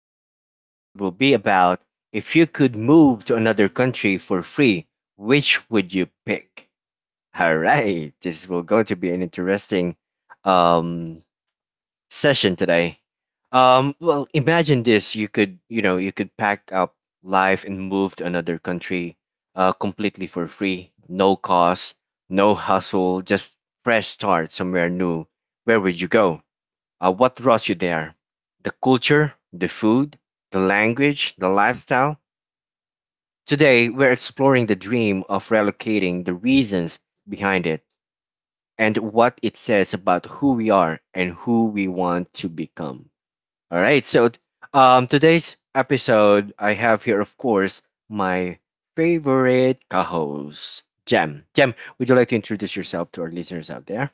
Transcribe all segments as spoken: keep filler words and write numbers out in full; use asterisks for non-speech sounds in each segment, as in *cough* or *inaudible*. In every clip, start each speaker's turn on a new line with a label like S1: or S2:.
S1: Today's episode will be about if you could move to another country for free, which would you pick? All right, this will go to be an interesting um, session today. Um, well, imagine this: you could, you know, you could pack up life and move to another country uh, completely for free, no cost, no hustle, just fresh start somewhere new. Where would you go? Uh, what draws you there? The culture, the food, the language, the lifestyle? Today, we're exploring the dream of relocating the reasons behind it and what it says about who we are and who we want to become. All right, so um, today's episode, I have here, of course, my favorite co host, Jem. Jem, would you like to introduce yourself to our listeners out there?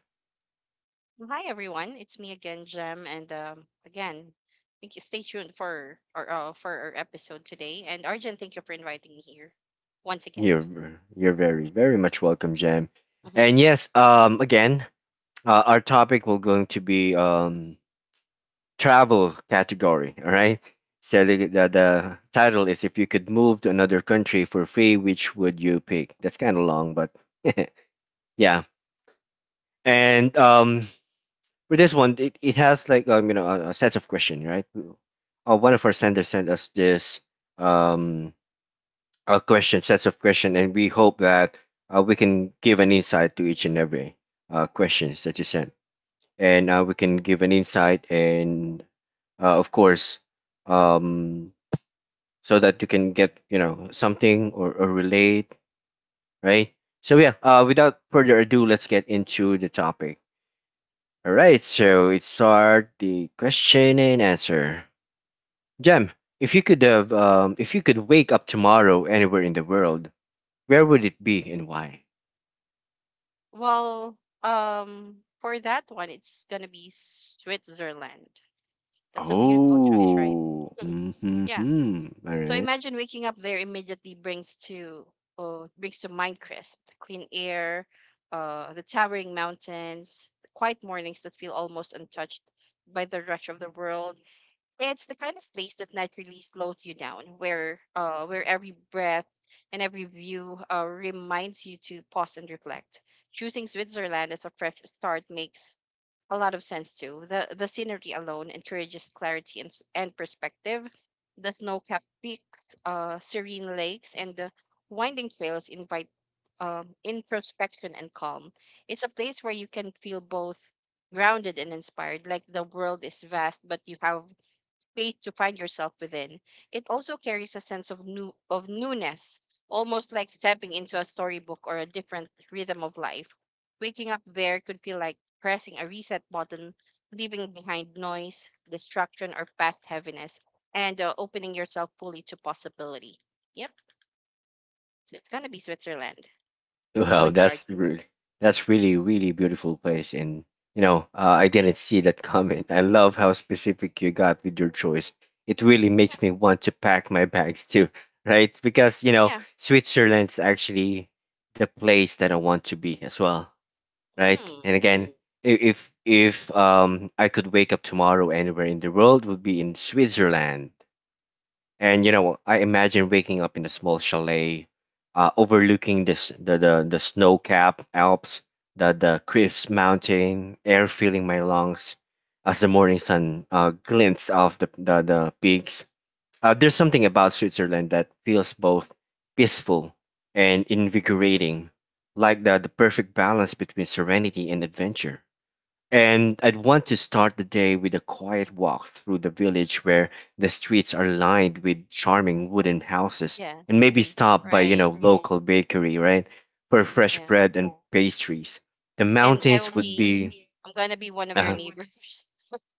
S2: Hi everyone, it's me again, Jem, and um, again, thank you. Stay tuned for our uh, for our episode today. And Arjun, thank you for inviting me here once again.
S1: You're ver- you're very very much welcome, Jam.
S2: hmm
S1: And yes, um, again, uh, our topic will going to be um travel category. All right. So the, the the title is if you could move to another country for free, which would you pick? That's kind of long, but *laughs* yeah. And um, for this one, it, it has like um you know a, a set of question, right? Uh, one of our senders sent us this um uh, question, sets of question, and we hope that uh, we can give an insight to each and every uh, questions that you sent, and uh, we can give an insight, and uh, of course, um, so that you can get you know something or, or relate, right? So yeah, uh, without further ado, let's get into the topic. All right, so it's start the question and answer. Jem, if you could have, um, if you could wake up tomorrow anywhere in the world, where would it be and why?
S2: Well, um, for that one, it's gonna be Switzerland. That's a beautiful choice, right?
S1: Oh,
S2: Mhm. Yeah.
S1: mm-hmm. All
S2: So
S1: right.
S2: imagine waking up there immediately brings to uh, brings to mind crisp, clean air, uh, the towering mountains, quiet mornings that feel almost untouched by the rush of the world. It's the kind of place that naturally slows you down, where uh, where every breath and every view uh, reminds you to pause and reflect. Choosing Switzerland as a fresh start makes a lot of sense too. The the scenery alone encourages clarity and, s- and perspective. The snow-capped peaks, uh, serene lakes, and the winding trails invite um, introspection and calm. It's a place where you can feel both grounded and inspired, like the world is vast but you have space to find yourself within. It also carries a sense of new of newness, almost like stepping into a storybook or a different rhythm of life. Waking up there could feel like pressing a reset button, leaving behind noise, distraction, or past heaviness, and uh, opening yourself fully to possibility. Yep, so it's gonna be Switzerland. How
S1: Wow,
S2: about you,
S1: that's
S2: Arjun?
S1: really, that's really, really beautiful place. And you know, uh, I didn't see that comment. I love how specific you got with your choice. It really makes me want to pack my bags too, right? Because you
S2: Yeah,
S1: know,
S2: yeah.
S1: Switzerland's actually the place that I want to be as well, right?
S2: Mm,
S1: And again, i- if if um I could wake up tomorrow anywhere in the world, would be in Switzerland. And you know, I imagine waking up in a small chalet, uh, overlooking this the the, the snow capped Alps, the the crisp mountain air filling my lungs as the morning sun uh, glints off the the, the peaks. Uh, there's something about Switzerland that feels both peaceful and invigorating, like the, the perfect balance between serenity and adventure. And I'd want to start the day with a quiet walk through the village where the streets are lined with charming wooden houses
S2: yeah.
S1: and maybe stop by, you
S2: Right.
S1: know, local bakery, right? For fresh
S2: Yeah.
S1: bread and pastries. The
S2: And I will
S1: mountains would
S2: be.
S1: be.
S2: I'm gonna be one of your
S1: Uh-huh.
S2: neighbors.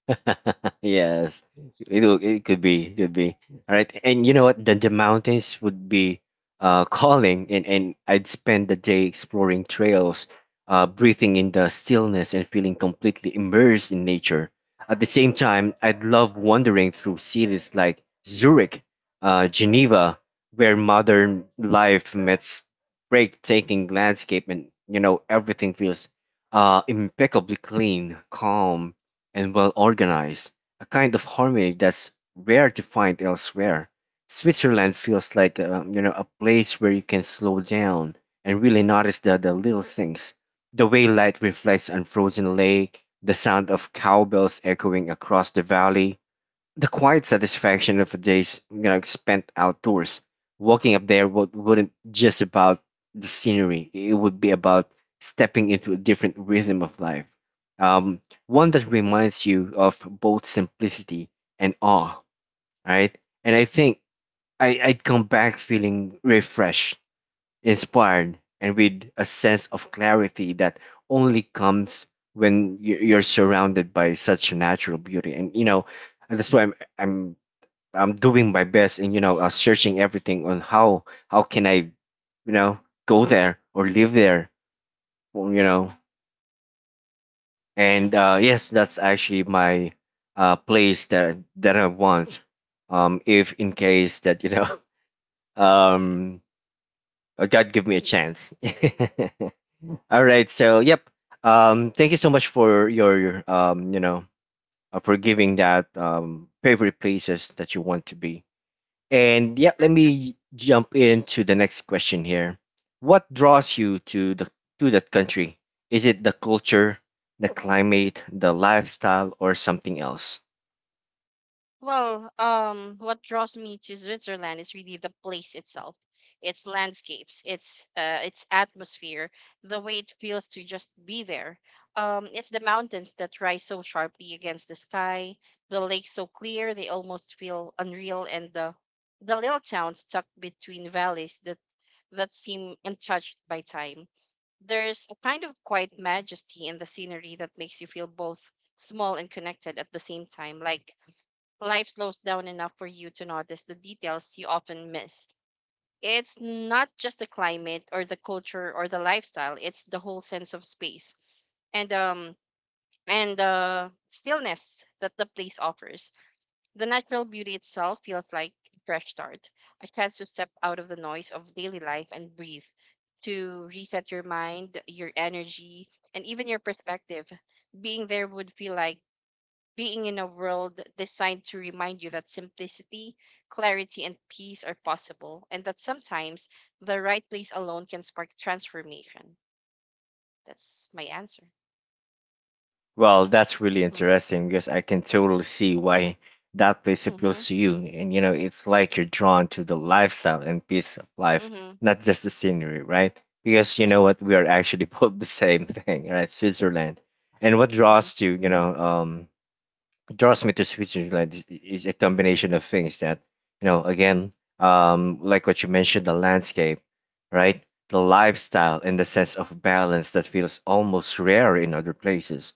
S1: *laughs* yes, it will, it could be, it could be. All right, and you know what? The the mountains would be uh calling, and and I'd spend the day exploring trails, uh breathing in the stillness and feeling completely immersed in nature. At the same time, I'd love wandering through cities like Zurich, uh Geneva, where modern life meets breathtaking landscape, and you know everything feels uh impeccably clean, calm, and well organized, a kind of harmony that's rare to find elsewhere. Switzerland feels like a, you know a place where you can slow down and really notice the, the little things, the way light reflects on frozen lake, the sound of cowbells echoing across the valley, the quiet satisfaction of a day's you know spent outdoors. Walking up there would, wouldn't just about the scenery. It would be about stepping into a different rhythm of life. Um, one that reminds you of both simplicity and awe, right? And I think I, I'd come back feeling refreshed, inspired, and with a sense of clarity that only comes when you- you're surrounded by such natural beauty. And you know, and that's why I'm I'm I'm doing my best and you know uh, searching everything on how how can I you know go there or live there or, you know and uh, yes that's actually my uh, place that that I want um if in case that you know *laughs* um uh, God give me a chance *laughs* all right so yep um thank you so much for your um you know uh, for giving that um favorite places that you want to be. And yeah, let
S2: *laughs*
S1: me jump into the next question here. What draws you to the to that country? Is it the culture, the climate, the lifestyle, or something else?
S2: Well, um, what draws me to Switzerland is really the place itself. Its landscapes, its uh, its atmosphere, the way it feels to just be there. Um, it's the mountains that rise so sharply against the sky, the lakes so clear they almost feel unreal, and the the little towns tucked between valleys that that seem untouched by time. There's a kind of quiet majesty in the scenery that makes you feel both small and connected at the same time, like life slows down enough for you to notice the details you often miss. It's not just the climate or the culture or the lifestyle, it's the whole sense of space and um and the stillness that the place offers. The natural beauty itself feels like a fresh start, a chance to step out of the noise of daily life and breathe, to reset your mind, your energy, and even your perspective. Being there would feel like being in a world designed to remind you that simplicity, clarity, and peace are possible, and that sometimes the right place alone can spark transformation. That's my answer.
S1: Well, that's really
S2: Hmm.
S1: interesting because I can totally see why that place
S2: Mm-hmm.
S1: appeals to you. And you know, it's like you're drawn to the lifestyle and pace of life,
S2: Mm-hmm.
S1: not just the scenery, right? Because you
S2: Right.
S1: know what, we are actually *laughs* both the same thing, right? Switzerland. And what
S2: Hmm.
S1: draws you, you know, um, draws me to Switzerland is, is a combination of things that you know again um like what you mentioned the landscape, right, the lifestyle and the sense of balance that feels almost rare in other places.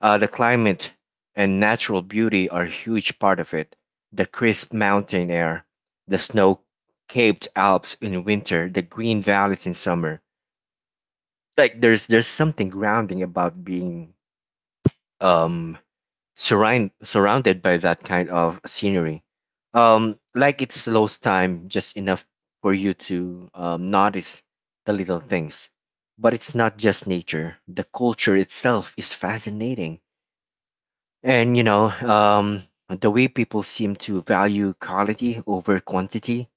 S1: uh the climate and natural beauty are a huge part of it: the crisp mountain air, the snow capped Alps in winter, the green valleys in summer, like there's there's something grounding about being um surround, surrounded by that kind of scenery. Um, like it slows time just enough for you to um, notice the little things. But it's not just nature, the culture itself is fascinating. And you know, um, the way people seem to value quality over quantity,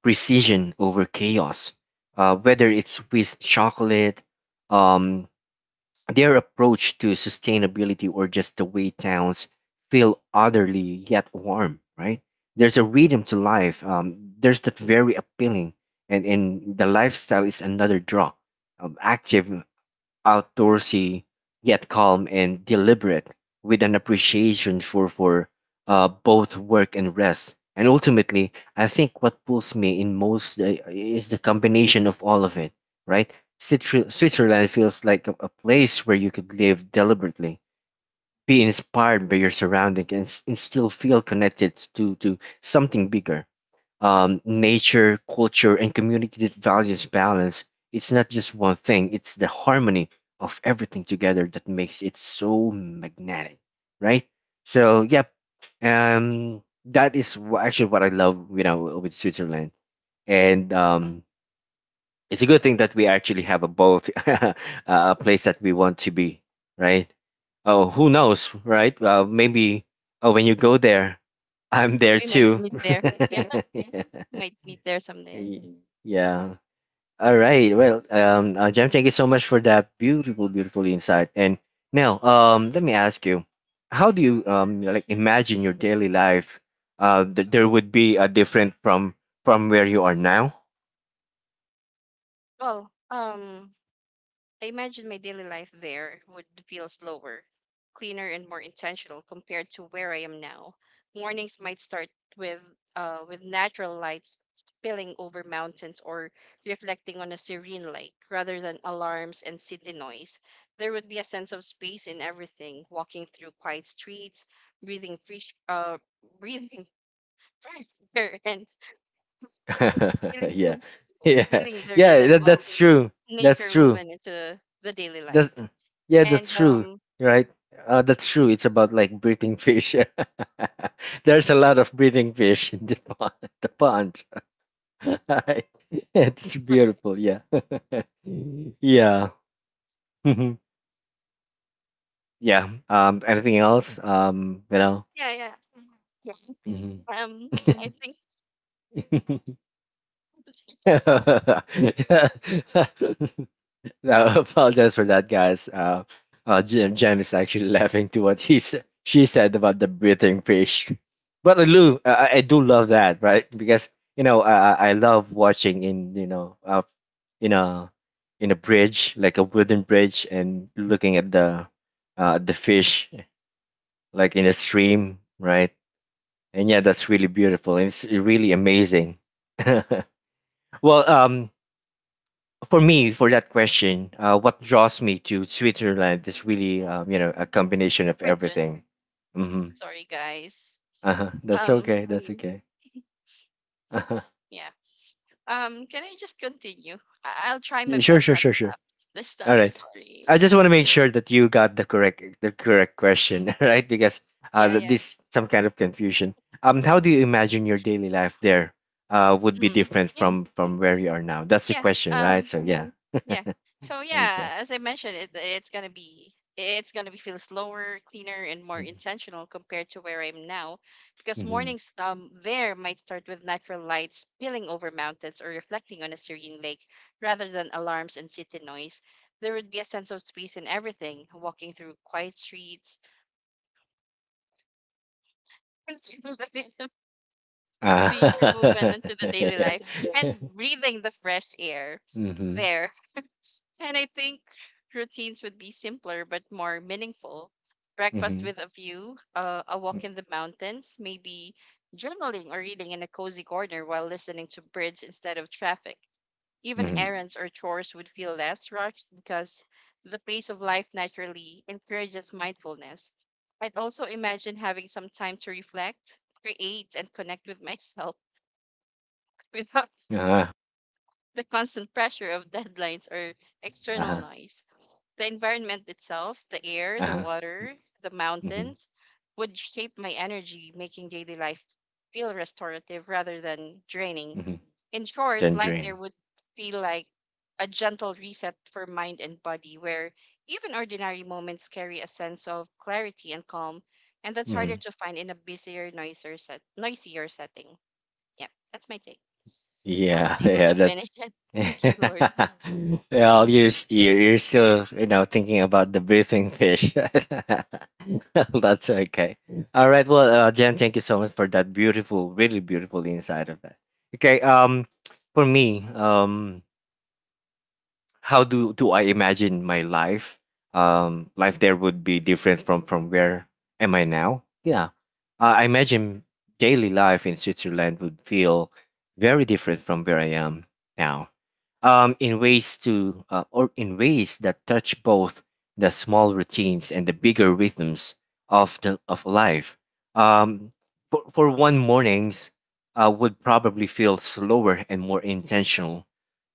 S1: precision over chaos, uh, whether it's Swiss chocolate, um, their approach to sustainability or just the way towns feel orderly yet warm, right? There's a rhythm to life. Um, there's that very appealing, and and the lifestyle is another draw. Um, active, outdoorsy yet calm and deliberate, with an appreciation for for uh, both work and rest. And ultimately, I think what pulls me in most uh, is the combination of all of it. Right, Switzerland Switzerland feels like a, a place where you could live deliberately, be inspired by your surroundings, and, s- and still feel connected to to something bigger, um, nature, culture, and community that values balance. It's not just one thing, it's the harmony of everything together that makes it so magnetic, right? So, yep, um, that is wh- actually what I love, you know, with Switzerland. And um, it's a good thing that we actually have a both *laughs* a place that we want to be, right? Oh, who knows, right? Uh, maybe oh, when you go there, I'm there
S2: We might
S1: too.
S2: meet there. Yeah, *laughs*
S1: *laughs* *laughs*
S2: might meet there someday.
S1: Y- Yeah. All
S2: Mhm.
S1: right. Well, um, uh, Jem, thank you so much for that beautiful, beautiful insight. And now, um, let me ask you, how do you um like imagine your daily life? Uh, that there would be a different from from where you are now.
S2: Well, um, I imagine my daily life there would feel slower, cleaner, and more intentional compared to where I am now. Mornings might start with uh, with natural lights spilling over mountains or reflecting on a serene lake rather than alarms and city noise. There would be a sense of space in everything, walking through quiet streets, breathing fresh, uh, breathing *laughs* fresh air, and
S1: *laughs*
S2: feeling,
S1: yeah,
S2: *laughs*
S1: yeah,
S2: feeling the
S1: yeah.
S2: rhythm
S1: That,
S2: of
S1: that's true. That's
S2: nature
S1: true.
S2: woven into the daily
S1: That's
S2: life.
S1: yeah. That's
S2: And
S1: true.
S2: um,
S1: Right. Uh, that's true. It's about like breathing fish. *laughs* There's a lot of breathing fish in the *laughs* pond. The pond. *laughs* it's beautiful. Yeah. *laughs* yeah. Mhm. Yeah. Um. Anything else? Um. You know.
S2: yeah, yeah, yeah.
S1: Mhm.
S2: Um, I think
S1: *laughs*
S2: *laughs*
S1: *laughs* *laughs*
S2: it's
S1: I apologize for that, guys. Uh, uh, Jim Jim is actually *laughs* laughing to what he sa- she said about the breathing fish. But I do, I, I do love that, right? Because you know, I, I I love watching in you know, uh, in a in a bridge, like a wooden bridge, and looking at the uh, the fish like in a stream, right? And yeah, that's really beautiful. It's really amazing. *laughs* well, um, for me for that question uh, what draws me to Switzerland is really um, you know a combination of
S2: urgent.
S1: everything. Hmm.
S2: Sorry, guys.
S1: Uh-huh. That's
S2: Um,
S1: okay. That's Mm. Okay. Uh-huh.
S2: yeah. Um, can I just continue? I- I'll try my
S1: Yeah, sure
S2: best
S1: sure
S2: not
S1: sure
S2: to
S1: sure.
S2: laugh this
S1: All
S2: time. *laughs*
S1: right,
S2: Sorry.
S1: I just want to make sure that you got the correct the correct question. *laughs* all right because uh,
S2: Yeah,
S1: th-
S2: yeah.
S1: this some kind of confusion. um how do you imagine your daily life there uh, would be
S2: Mm.
S1: different
S2: Yeah,
S1: from from where you are now? That's the
S2: yeah.
S1: question, right?
S2: Um,
S1: So yeah.
S2: yeah.
S1: Mhm.
S2: So
S1: Okay.
S2: yeah, as I mentioned, it, it's gonna be it's gonna be feel slower, cleaner, and more
S1: Mm-hmm.
S2: intentional compared to where I am now, because
S1: Mm-hmm.
S2: mornings um there might start with natural lights spilling over mountains or reflecting on a serene lake, rather than alarms and city noise. There would be a sense of space in everything, walking through quiet streets, *laughs* feeling the rhythm of nature movement
S1: uh,
S2: into
S1: *laughs*
S2: the daily life,
S1: That's
S2: and
S1: *laughs*
S2: breathing the fresh air
S1: hmm.
S2: there. And I think routines would be simpler but more meaningful. Breakfast
S1: Mhm.
S2: with a view, uh, a
S1: M.
S2: walk in the mountains, maybe journaling or reading in a cozy corner while listening to birds instead of traffic. Even
S1: Mhm.
S2: errands or chores would feel less rushed because the pace of life naturally encourages mindfulness. I'd also imagine having some time to reflect, create, and connect with myself *laughs* without
S1: Uh-huh.
S2: the constant pressure of deadlines or external
S1: Uh-huh.
S2: noise. The environment itself, the air, the
S1: Uh-huh.
S2: water, the
S1: Mhm.
S2: mountains, would shape my energy, making daily life feel restorative rather than draining.
S1: Mhm.
S2: In short,
S1: Then
S2: life there
S1: draining.
S2: would feel like a gentle reset for mind and body, where even ordinary moments carry a sense of clarity and calm, and that's harder
S1: Mhm.
S2: to find in a busier, noisier, set, noisier setting. Yeah, that's my take. I
S1: Yeah.
S2: was
S1: *laughs*
S2: able
S1: Yeah.
S2: to
S1: That.
S2: finish it. *laughs* Thank you, Lord.
S1: *laughs* well, you're s- you're you're still you know thinking about the breathing fish. *laughs* That's okay. All right. Well, uh, Jen, thank you so much for that beautiful, really beautiful insight of that. Okay. Um, for me, um, how do do I imagine my life? Um, life there would be different from from where am I now? Yeah, uh, I imagine daily life in Switzerland would feel very different from where I am now. Um, in ways to uh, or in ways that touch both the small routines and the bigger rhythms of the of life. Um, for for one, mornings uh, would probably feel slower and more intentional.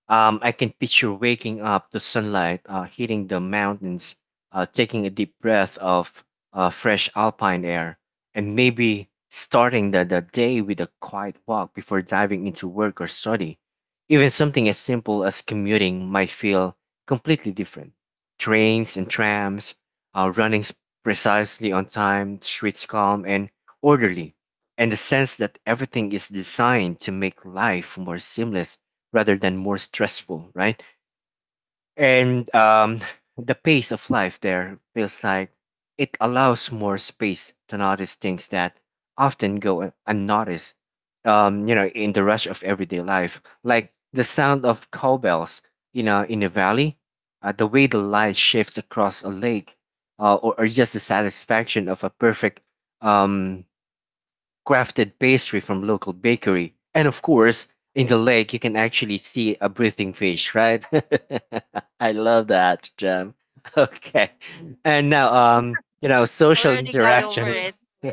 S1: um, I can picture waking up to sunlight uh, hitting the mountains, uh, taking a deep breath of uh, fresh alpine air, and maybe starting the, the day with a quiet walk before diving into work or study. Even something as simple as commuting might feel completely different. Trains and trams uh, running s- precisely on time, streets calm and orderly, and the sense that everything is designed to make life more seamless rather than more stressful, right? And um, the pace of life there feels like it allows more space to notice things that often go un- unnoticed, um, you know, in the rush of everyday life, like the sound of cowbells, you know, in a valley, uh, the way the light shifts across a lake, uh, or, or just the satisfaction of a perfect um, crafted pastry from local bakery. And of course, in the lake, you can actually see a breathing fish, right? *laughs* I love that, Jam. *laughs* Okay. And now,
S2: I
S1: um, you know, social
S2: already got over
S1: interactions.
S2: it.
S1: *laughs*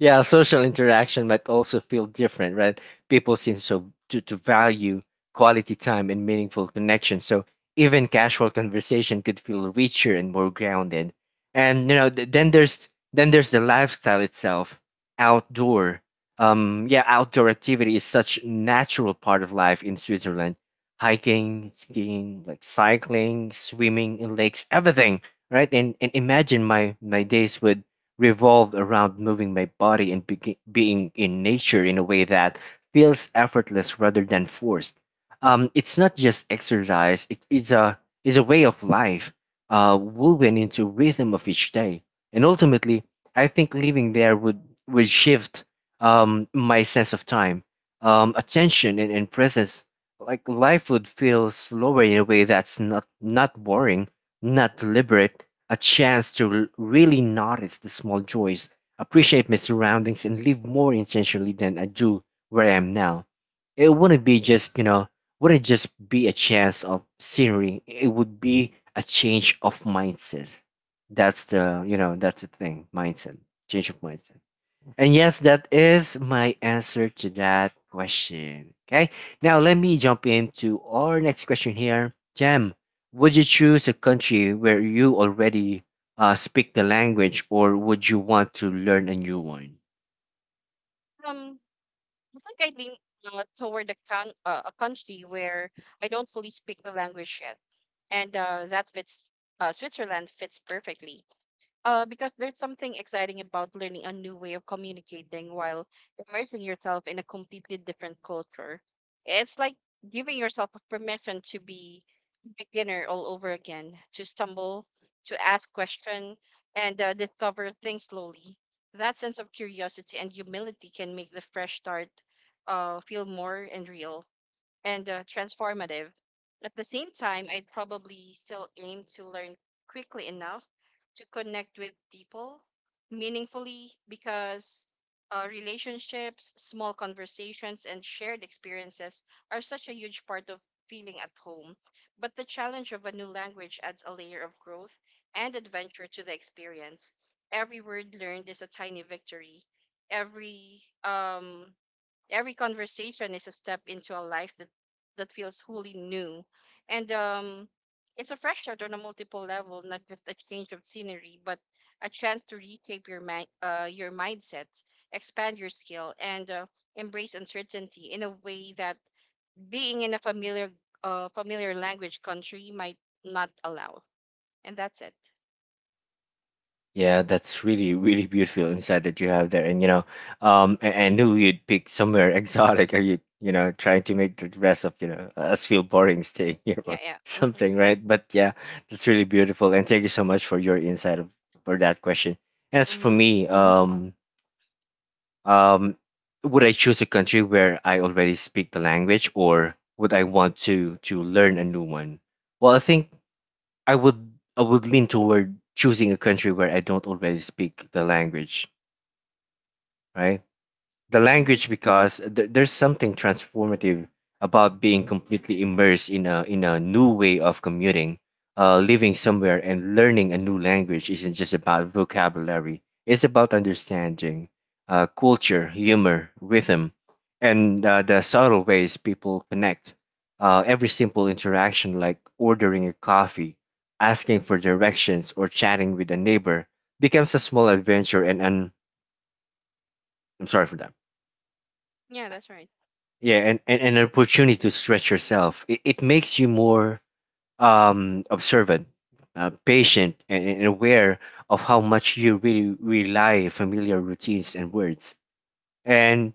S1: Yeah, social interaction might also feel different, right? People seem so to, to value quality time and meaningful connections. So even casual conversation could feel richer and more grounded. And you know, th- then there's then there's the lifestyle itself, outdoor. Um, yeah, outdoor activity is such natural part of life in Switzerland. Hiking, skiing, like cycling, swimming in lakes, everything, right? And and imagine my my days with revolved around moving my body and be- being in nature in a way that feels effortless rather than forced. Um, it's not just exercise; it, it's a it's a way of life, uh, woven into rhythm of each day. And ultimately, I think living there would would shift um, my sense of time, um, attention, and, and presence. Like life would feel slower in a way that's not not boring, not deliberate, a chance to r- really notice the small joys, appreciate my surroundings, and live more intentionally than I do where I am now. It wouldn't be just, you know, wouldn't just be a chance of scenery. It would be a change of mindset. That's the, you know, that's the thing, mindset, change of mindset. And yes, that is my answer to that question. Okay. Now let me jump into our next question here. Jam, would you choose a country where you already uh, speak the language, or would you want to learn a new one?
S2: Um, I think I lean uh, toward a, con- uh, a country where I don't fully speak the language yet, and uh, that fits, uh, Switzerland fits perfectly. Uh, because there's something exciting about learning a new way of communicating while immersing yourself in a completely different culture. It's like giving yourself a permission to be beginner all over again, to stumble, to ask question, and uh, discover things slowly. That sense of curiosity and humility can make the fresh start uh, feel more and real and uh, transformative. At the same time, I'd probably still aim to learn quickly enough to connect with people meaningfully, because uh, relationships, small conversations, and shared experiences are such a huge part of feeling at home. But the challenge of a new language adds a layer of growth and adventure to the experience. Every word learned is a tiny victory. Every um, Every conversation is a step into a life that that feels wholly new, and um, it's a fresh start on a multiple level, not just a change of scenery, but a chance to reshape your mind, uh, your mindset, expand your skill, and uh, embrace uncertainty in a way that being in a familiar uh, familiar language country might not allow. And that's it.
S1: Yeah, that's really, really beautiful insight that you have there. And you know, um, I, I knew you'd pick somewhere *laughs* exotic, or you, you know, trying to make the rest of you know us feel boring staying here
S2: Yeah,
S1: or
S2: yeah.
S1: *laughs*
S2: Mhm.
S1: something, right? But yeah, that's really beautiful. And thank you so much for your insight of, for that question. As for
S2: Mhm.
S1: me, um, um, would I choose a country where I already speak the language, or would I want to to learn a new one? Well, I think I would I would lean toward choosing a country where I don't already speak the language, right? the
S2: Mhm.
S1: language because th- there's something transformative about being completely immersed in a in a new way of commuting. Uh, living somewhere and learning a new language isn't just about vocabulary, it's about understanding uh, culture, humor, rhythm, and uh, the subtle ways people connect. Uh, every simple interaction like ordering a coffee, asking for directions, or chatting with a neighbor becomes a small adventure and an— I'm sorry for that.
S2: Yeah, that's right.
S1: Yeah, and, and, and an opportunity to stretch yourself. It, it makes you more um observant, uh, patient, and, and aware of how much you really rely familiar routines and words. And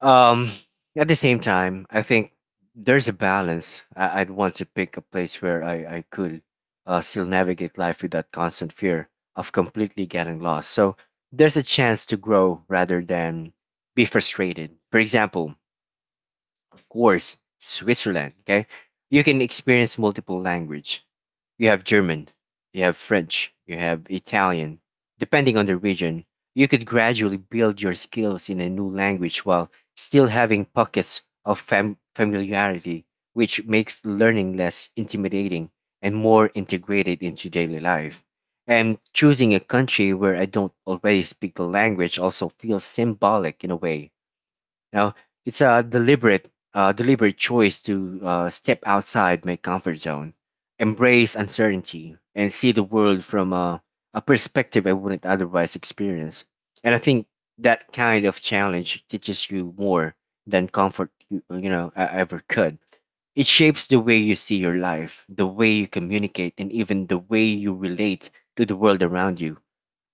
S1: um at the same time I think there's a balance. I, i'd want to pick a place where i, I could uh, still navigate life without constant fear of completely getting lost, so there's a chance to grow rather than be frustrated. For example, course, Switzerland. Okay, you can experience multiple language. You have German, you have French, you have Italian. Depending on the region, you could gradually build your skills in a new language while still having pockets of fam- familiarity, which makes learning less intimidating and more integrated into daily life. And choosing a country where I don't already speak the language also feels symbolic in a way now. It's a deliberate, uh, deliberate choice to uh, step outside my comfort zone, embrace uncertainty, and see the world from a, a perspective I wouldn't otherwise experience. And I think that kind of challenge teaches you more than comfort you, you know uh, ever could. It shapes the way you see your life, the way you communicate, and even the way you relate to the world around you.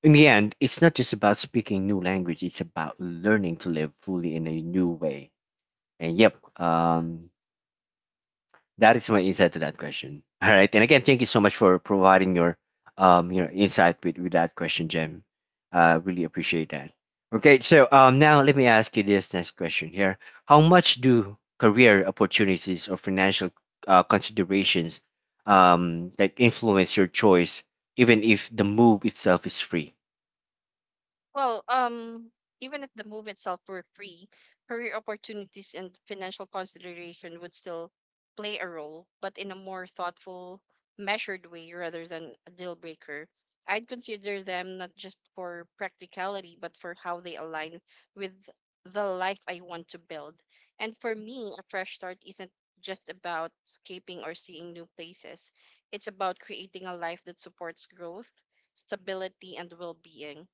S1: In the end, it's not just about speaking new language, it's about learning to live fully in a new way. And yep, um, that is my insight to that question. *laughs* All right. And again, thank you so much for providing your um, you know, insight with, with that question, Jem. Uh, really appreciate that. Okay, so um, now let me ask you this next question here. How much do career opportunities or financial uh, considerations um, like influence your choice, even if the move itself is free?
S2: Well, um, even if the move itself were free, career opportunities and financial consideration would still play a role, but in a more thoughtful, measured way rather than a deal breaker. I'd consider them not just for practicality, but for how they align with the life I want to build. And for me, a fresh start isn't just about escaping or seeing new places, it's about creating a life that supports growth, stability, and well being.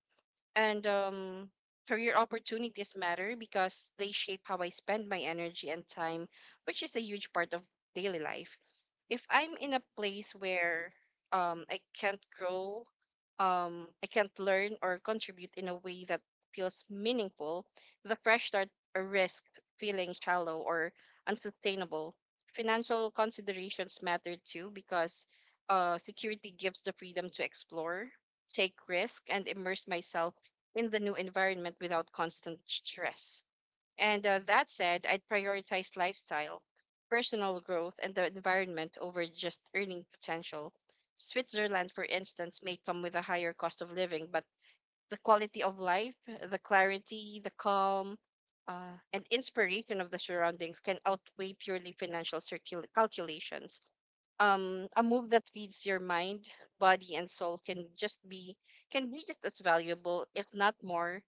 S2: And um, career opportunities matter because they shape how I spend my energy and time, which is a huge part of daily life. If I'm in a place where um, I can't grow, um, I can't learn or contribute in a way that feels meaningful, the fresh start risk feeling shallow or unsustainable. Financial considerations matter too, because uh, security gives the freedom to explore, take risk, and immerse myself in the new environment without constant stress. And uh, that said, I'd prioritize lifestyle, personal growth, and the environment over just earning potential. Switzerland, for instance, may come with a higher cost of living, but the quality of life, the clarity, the calm, uh, and inspiration of the surroundings can outweigh purely financial circul- calculations. Um a move that feeds your mind, body and soul can just be can be just as valuable, if not more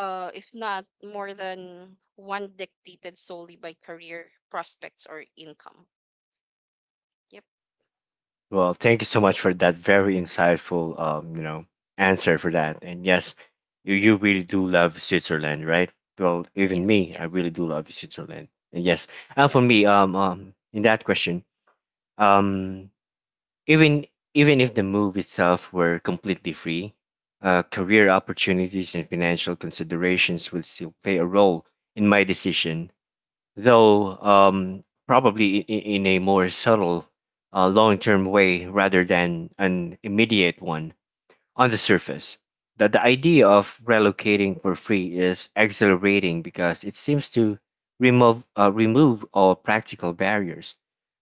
S2: uh if not more, than one dictated solely by career prospects or income. Yep.
S1: Well, thank you so much for that very
S2: Mhm,
S1: insightful, um, you know, answer for
S2: mhm.
S1: that. And yes, you, you really do love Switzerland, right? Well, even
S2: Yes,
S1: me, I really
S2: yes,
S1: do love Switzerland. And yes, and for me,
S2: yes.
S1: um, um, in that question, um, even even if the move itself were completely free, uh, career opportunities and financial considerations would still play a role in my decision, though um, probably in, in a more subtle, uh, long-term way rather than an immediate one on the surface. That the idea of relocating for free is exhilarating because it seems to remove uh, remove all practical barriers.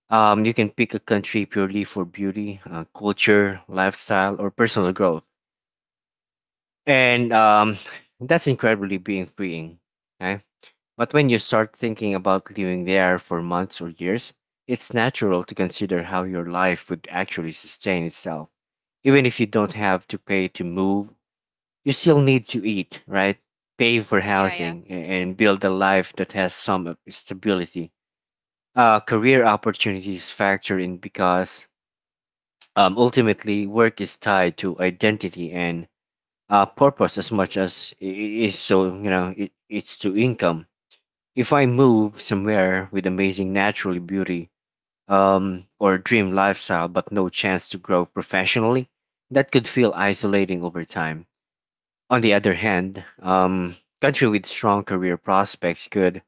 S1: Um, you can pick a country purely for beauty, uh, culture, lifestyle, or personal growth, and um, that's incredibly being freeing, right? But when you start thinking about living there for months or years, it's natural to consider how your life would actually sustain itself. Even if you don't have to pay to move, you still need to eat, right? Pay for
S2: Yeah, yeah.
S1: housing a- and build a life that has some of stability. Uh, career opportunities factor in because um, ultimately work is tied to identity and uh, purpose as much as it is, so you know it, it's to income. If I move somewhere with amazing natural beauty um, or dream lifestyle but no chance to grow professionally, that could feel isolating over time. On the other hand, um, country with strong career prospects could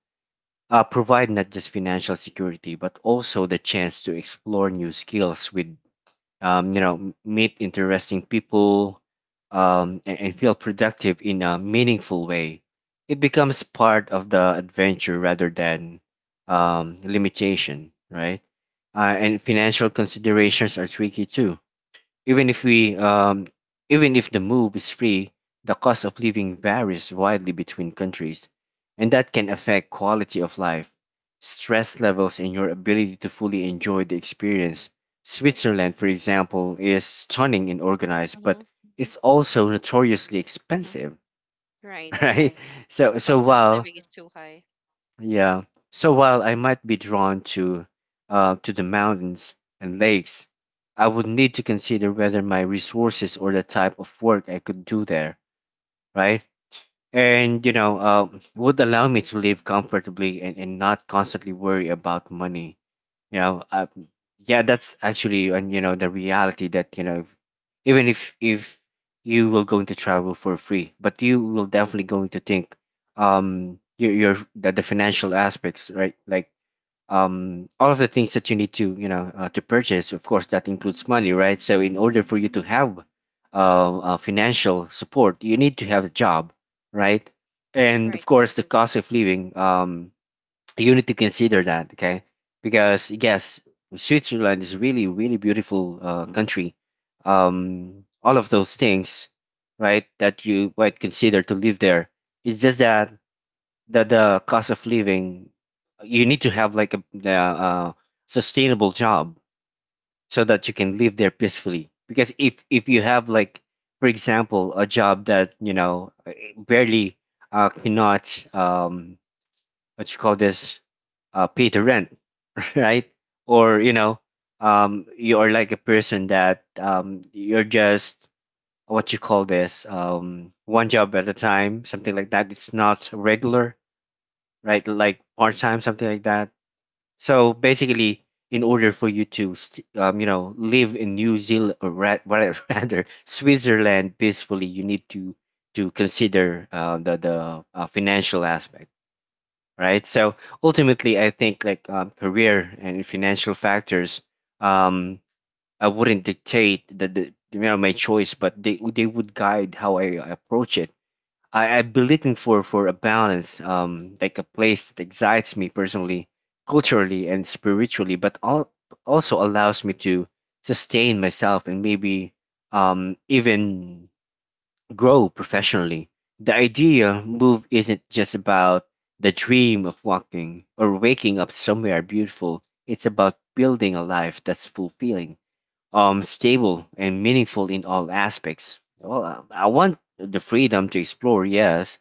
S1: uh, provide not just financial security but also the chance to explore new skills with um, you know, m- meet interesting people, um, and, and feel productive in a meaningful way. It becomes part of the adventure rather than um, limitation, right? Uh, and financial considerations are tricky too. Even if we, um, even if the move is free, the cost of living varies widely between countries, and that can affect quality of life, stress levels, and your ability to fully enjoy the experience. Switzerland, for example, is stunning and organized, but
S2: Hmm.
S1: it's also notoriously
S2: Hmm.
S1: expensive, *laughs*
S2: Right.
S1: right? So, so
S2: Cost of
S1: while
S2: living is too high.
S1: yeah. So while I might be drawn to uh, to the mountains and lakes, I would need to consider whether my resources or the type of work I could do there, right? And you know, uh, would allow me to live comfortably and, and not constantly worry about money, you know. Uh, yeah, that's actually, and you know the reality that you know even if if you will going to travel for free, but you will definitely going to think um your your the, the financial aspects, right? Like um all of the things that you need to, you know, uh, to purchase, of course that includes money, right? So in order for you to have uh, uh financial support you need to have a job, right? And of
S2: Right,
S1: course
S2: right.
S1: the cost of living, um you need to consider that, okay? Because yes, Switzerland is really, really beautiful uh, country. Um, all of those things, right, that you might consider to live there. It's just that that the cost of living, you need to have like a the, uh, sustainable job so that you can live there peacefully. Because if if you have like, for example, a job that you know eh, barely uh, cannot um, what you call this uh, pay the rent, *laughs* right? Or you know, um, you're like a person that um, you're just what you call this um, one job at a time, something like that. It's not regular, right? Like part time, something like that. So basically, in order for you to st- um, you know live in New Zealand or ra- *laughs* rather Switzerland peacefully, you need to to consider uh, the the uh, financial aspect, right? So ultimately, I think like um, career and financial factors, um, I wouldn't dictate the, the you know my choice, but they they would guide how I approach it. I, I'd be looking for for a balance, um, like a place that excites me personally, culturally, and spiritually, but all, also allows me to sustain myself and maybe um even grow professionally. The idea move isn't just about the dream of walking or waking up somewhere beautiful. It's about building a life that's fulfilling, um, stable, and meaningful in all aspects. Well, uh, I want the freedom to explore, yes,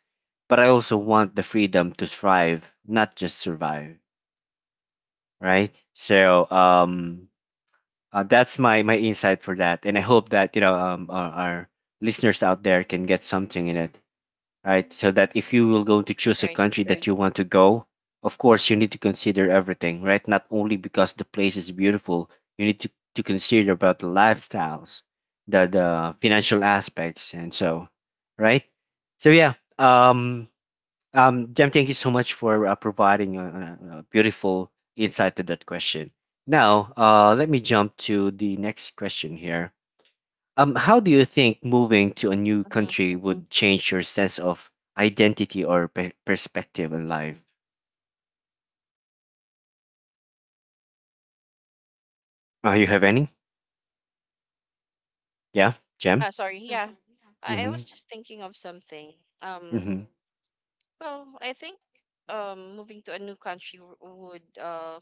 S1: but I also want the freedom to thrive, not just survive. Right? So, um, uh, that's my my insight for that, and I hope that you know um, our, our listeners out there can get something in it, right? So that if you will going to choose a
S2: Right, right.
S1: country that you want to go, of course you need to consider everything, right? Not only because the place is beautiful, you need to, to consider about the lifestyles, the the financial aspects, and so, right? So yeah, um, um, Jem, thank you so much for uh, providing a, a a beautiful insight to that question. Now, uh, let me jump to the next question here. Um, how do you think moving to a new
S2: Hmm.
S1: country would change your sense of identity or pe- perspective in life? Uh, you have any? Yeah, Jem?
S2: Ah, sorry, yeah, I, I was
S1: Mm-hmm.
S2: just thinking of something. um
S1: Mm-hmm.
S2: Well, I think um, moving to a new country w- would uh,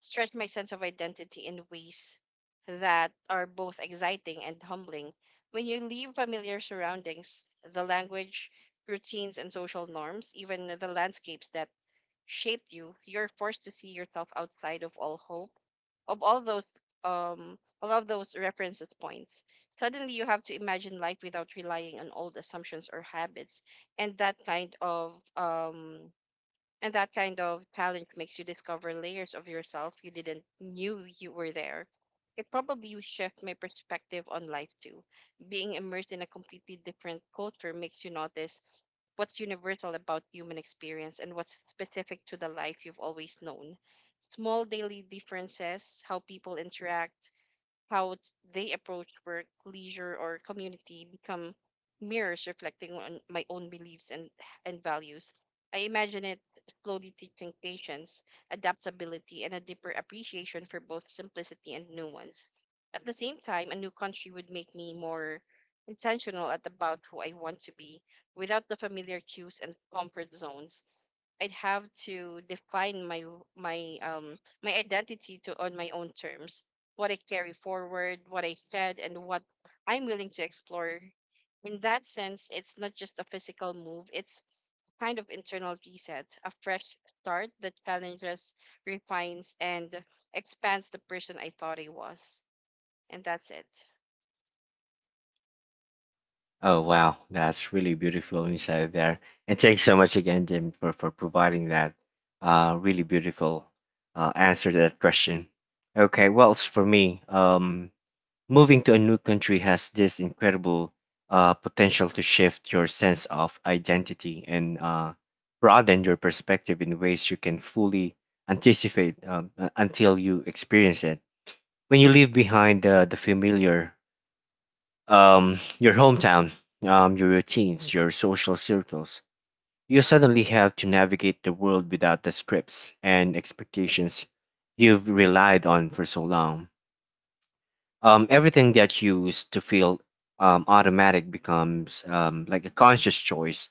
S2: stretch my sense of identity in ways that are both exciting and humbling. When you leave familiar surroundings, the language, routines, and social norms, even the landscapes that shape you, you're forced to see yourself outside of all hope, of all those um all of those references points. Suddenly you have to imagine life without relying on old assumptions or habits, and that kind of um and that kind of talent makes you discover layers of yourself you didn't knew you were there. It probably will shift my perspective on life too. Being immersed in a completely different culture makes you notice what's universal about human experience and what's specific to the life you've always known. Small daily differences, how people interact, how t- they approach work, leisure, or community become mirrors reflecting on my own beliefs and, and values. I imagine it slowly teaching patience, adaptability, and a deeper appreciation for both simplicity and nuance. At the same time, a new country would make me more intentional at about who I want to be without the familiar cues and comfort zones. I'd have to define my my um my identity to on my own terms, what I carry forward, what I shed, and what I'm willing to explore. In that sense, it's not just a physical move, it's kind of internal reset, a fresh start that challenges, refines, and expands the person I thought I was. And that's it.
S1: Oh, wow. That's really beautiful inside there. And thanks so much again, Jim, for, for providing that uh, really beautiful uh, answer to that question. Okay, well, as for me, um, moving to a new country has this incredible uh, potential to shift your sense of identity and uh, broaden your perspective in ways you can fully anticipate um, uh, until you experience it. When you leave behind uh, the familiar, um, your hometown, um, your routines, your social circles, you suddenly have to navigate the world without the scripts and expectations you've relied on for so long. Um, everything gets used to feel um, automatic becomes um, like a conscious choice,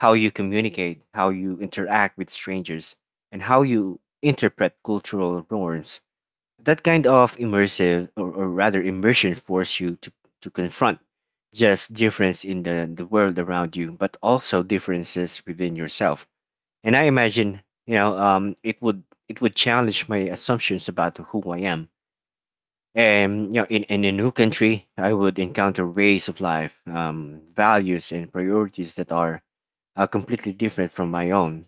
S1: how you communicate, how you interact with strangers, and how you interpret cultural norms. That kind of immersive, or, or rather immersion force you to, to confront just difference in the, the world around you, but also differences within yourself. And I imagine, you know um, it would, it would challenge my assumptions about who I am. And you know, in, in a new country, I would encounter ways of life, um, values, and priorities that are uh, completely different from my own.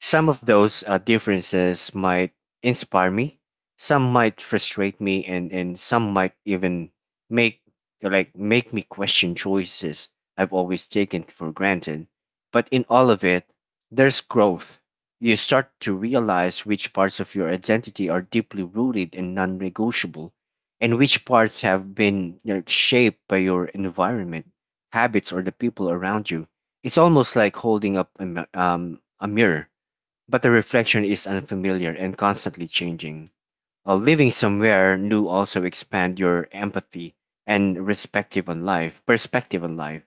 S1: Some of those uh, differences might inspire me, some might frustrate me, and, and some might even make like make me question choices I've always taken for granted. But in all of it, there's growth. You start to realize which parts of your identity are deeply rooted and non-negotiable, and which parts have been, you know, shaped by your environment, habits, or the people around you. It's almost like holding up a, mi- um, a mirror, but the reflection is unfamiliar and constantly changing. Uh, living somewhere new also expand your empathy and perspective on life. Perspective on life.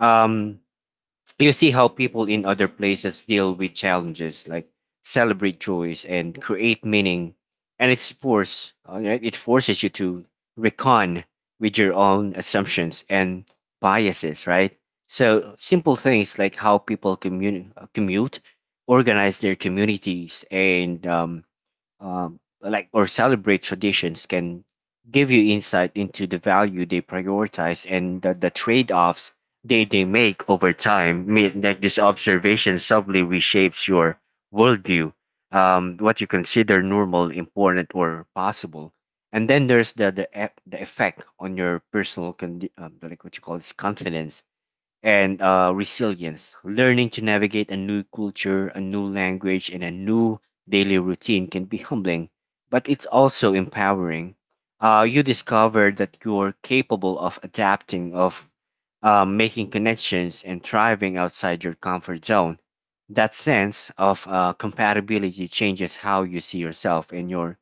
S1: Um, you see how people in other places deal with challenges, like celebrate joys and create meaning. And it's force, uh, right? It forces you to recon with your own assumptions and biases, right? So simple things like how people commun- uh, commute, organize their communities, and um, um, like or celebrate traditions can give you insight into the value they prioritize and the, the trade-offs they, they make over time. Me- like this observation subtly reshapes your worldview, um, what you consider normal, important, or possible. And then there's the the, e- the effect on your personal condi- um, like what you call this confidence and uh, resilience. Learning to navigate a new culture, a new language, and a new daily routine can be humbling, but it's also empowering. Uh, you discover that you're capable of adapting, of uh, making connections, and thriving outside your comfort zone. That sense of uh, compatibility changes how you see yourself and your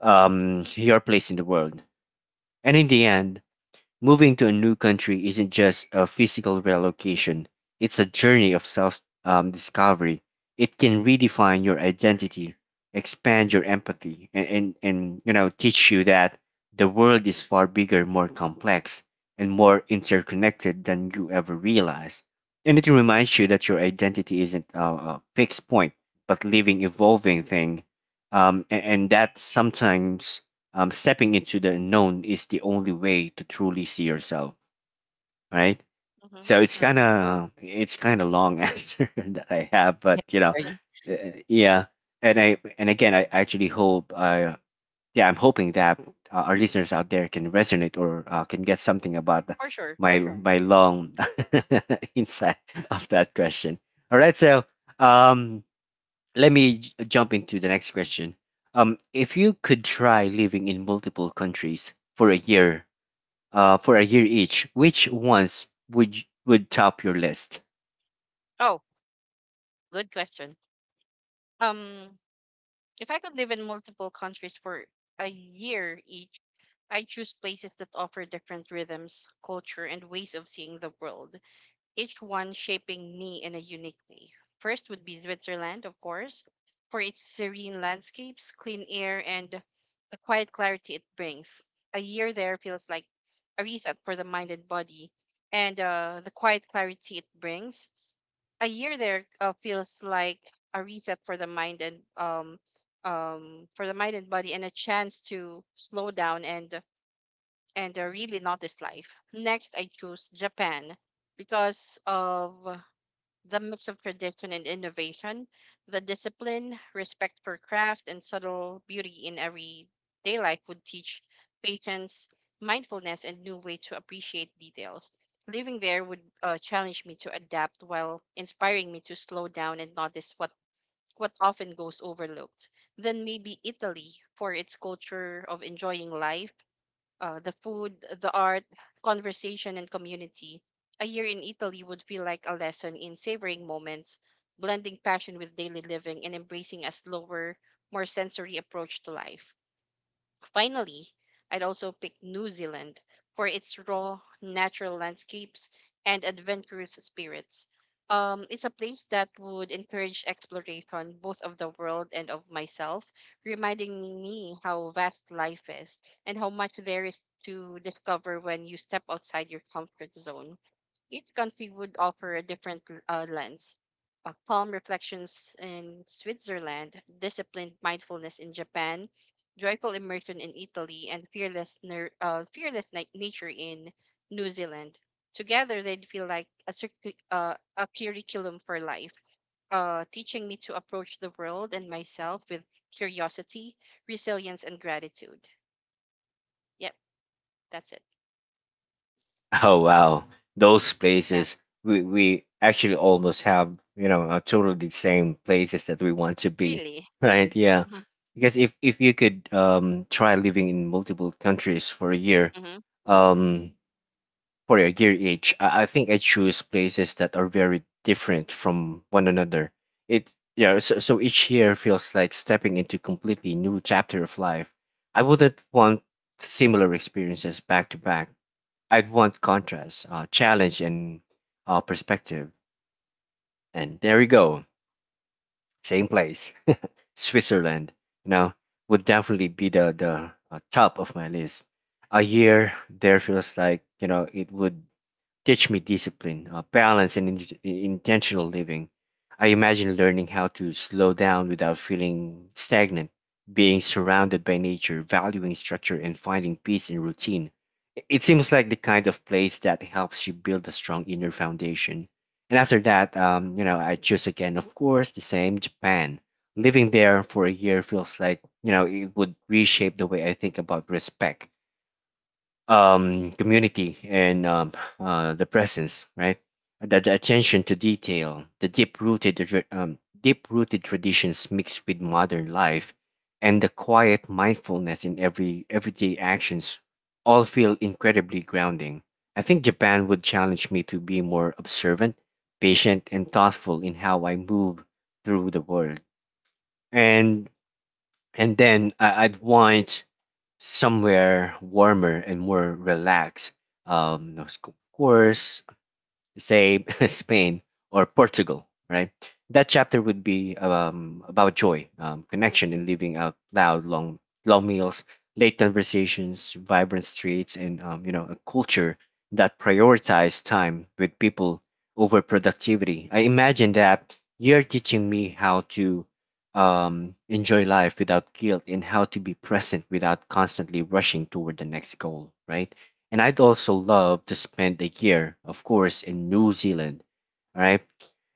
S1: um, your place in the world. And in the end, moving to a new country isn't just a physical relocation, it's a journey of self um, discovery. It can redefine your identity, expand your empathy, and, and, and you know, teach you that the world is far bigger, more complex, and more interconnected than you ever realize. And it reminds you that your identity isn't a, a fixed point, but living, evolving thing, um, and, and that sometimes um, stepping into the unknown is the only way to truly see yourself, right?
S2: Hmm.
S1: So it's kind
S2: Right.
S1: of, it's kind of long *laughs* answer that I have,
S2: Yeah,
S1: but you know,
S2: sorry.
S1: uh, yeah. And I, and again, I actually hope, uh, yeah, I'm hoping that uh, our listeners out there can resonate, or uh, can get something about the-
S2: For sure.
S1: my my long *laughs* insight of that question. All right, so um, let me j- jump into the next question. Um, if you could try living in multiple countries for a year, uh, for a year each, which ones would y- would top your list?
S2: Oh, good question. Um, if I could live in multiple countries for a year each, I choose places that offer different rhythms, culture, and ways of seeing the world. Each one shaping me in a unique way. First would be Switzerland, of course, for its serene landscapes, clean air, and the quiet clarity it brings. A year there feels like a reset for the mind and body, and uh, the quiet clarity it brings. A year there uh, feels like a reset for the mind and um um for the mind and body, and a chance to slow down and and uh, really notice life. Next, I choose Japan because of the mix of tradition and innovation, the discipline, respect for craft, and subtle beauty in everyday life would teach patience, mindfulness, and new way to appreciate details. Living there would uh, challenge me to adapt while inspiring me to slow down and notice what, what often goes overlooked. Then maybe Italy for its culture of enjoying life, uh, the food, the art, conversation, and community. A year in Italy would feel like a lesson in savoring moments, blending passion with daily living, and embracing a slower, more sensory approach to life. Finally, I'd also pick New Zealand for its raw, natural landscapes and adventurous spirits. Um, it's a place that would encourage exploration both of the world and of myself, reminding me how vast life is and how much there is to discover when you step outside your comfort zone. Each country would offer a different uh, lens. Uh, calm reflections in Switzerland, disciplined mindfulness in Japan, joyful immersion in Italy, and fearless, ner- uh, fearless na- nature in New Zealand. Together, they'd feel like a, circu- uh, a curriculum for life, uh, teaching me to approach the world and myself with curiosity, resilience, and gratitude. Yep, that's it.
S1: *laughs* Oh wow, those
S2: Yeah,
S1: places, we we actually almost have, you know, uh, totally the same places that we want to be,
S2: really.
S1: *laughs* right? Yeah,
S2: *laughs*
S1: because if if you could um try living in multiple countries for a year,
S2: hmm.
S1: um for a gear each, I, I think I choose places that are very different from one another. It Yeah, so, so each year feels like stepping into completely new chapter of life. I wouldn't want similar experiences back to back. I'd want contrast, uh, challenge, and uh, perspective. And there we go, same place, Switzerland. You know, would definitely be the the uh, top of my list. A year there feels like, you know, it would teach me discipline, uh, balance, and in- intentional living. I imagine learning how to slow down without feeling stagnant, being surrounded by nature, valuing structure, and finding peace in routine. I- It seems like the kind of place that helps you build a strong inner foundation. And after that, um, you know, I choose again, of course, the same Japan. Living there for a year feels like, you know, it would reshape the way I think about respect, um, community, and um, uh, the presence, right? The, the attention to detail, the deep-rooted tra- um, deep-rooted traditions mixed with modern life, and the quiet mindfulness in every everyday actions, all feel incredibly grounding. I think Japan would challenge me to be more observant, patient, and thoughtful in how I move through the world, and and then I, I'd want somewhere warmer and more relaxed. Um, of course, say *laughs* Spain or Portugal, right? That chapter would be um, about joy, um, connection, and living out loud, long, long meals, late conversations, vibrant streets, and um, you know, a culture that prioritized time with people over productivity. I imagine that you're teaching me how to um, enjoy life without guilt and how to be present without constantly rushing toward the next goal, right? And I'd also love to spend a year, of course, in New Zealand, all right?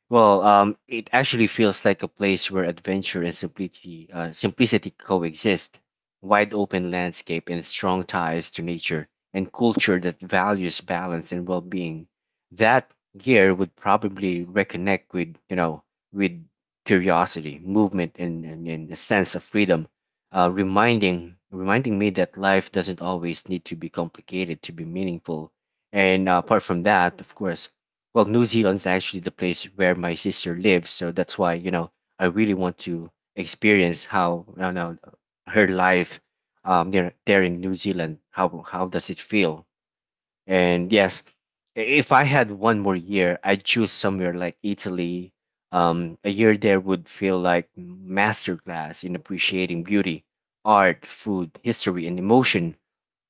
S1: Well, um, it actually feels like a place where adventure and simplicity, uh, simplicity coexist, wide open landscape and strong ties to nature, and culture that values balance and well-being. That gear would probably reconnect with, you know, with curiosity, movement, and, and, and a sense of freedom, uh, reminding reminding me that life doesn't always need to be complicated to be meaningful. And uh, apart from that, of course, well, New Zealand's actually the place where my sister lives, so that's why, you know, I really want to experience how, you know, her life, um there, there in New Zealand, how how does it feel. And yes, i- if I had one more year, I'd choose somewhere like Italy. Um, a year there would feel like masterclass in appreciating beauty, art, food, history, and emotion.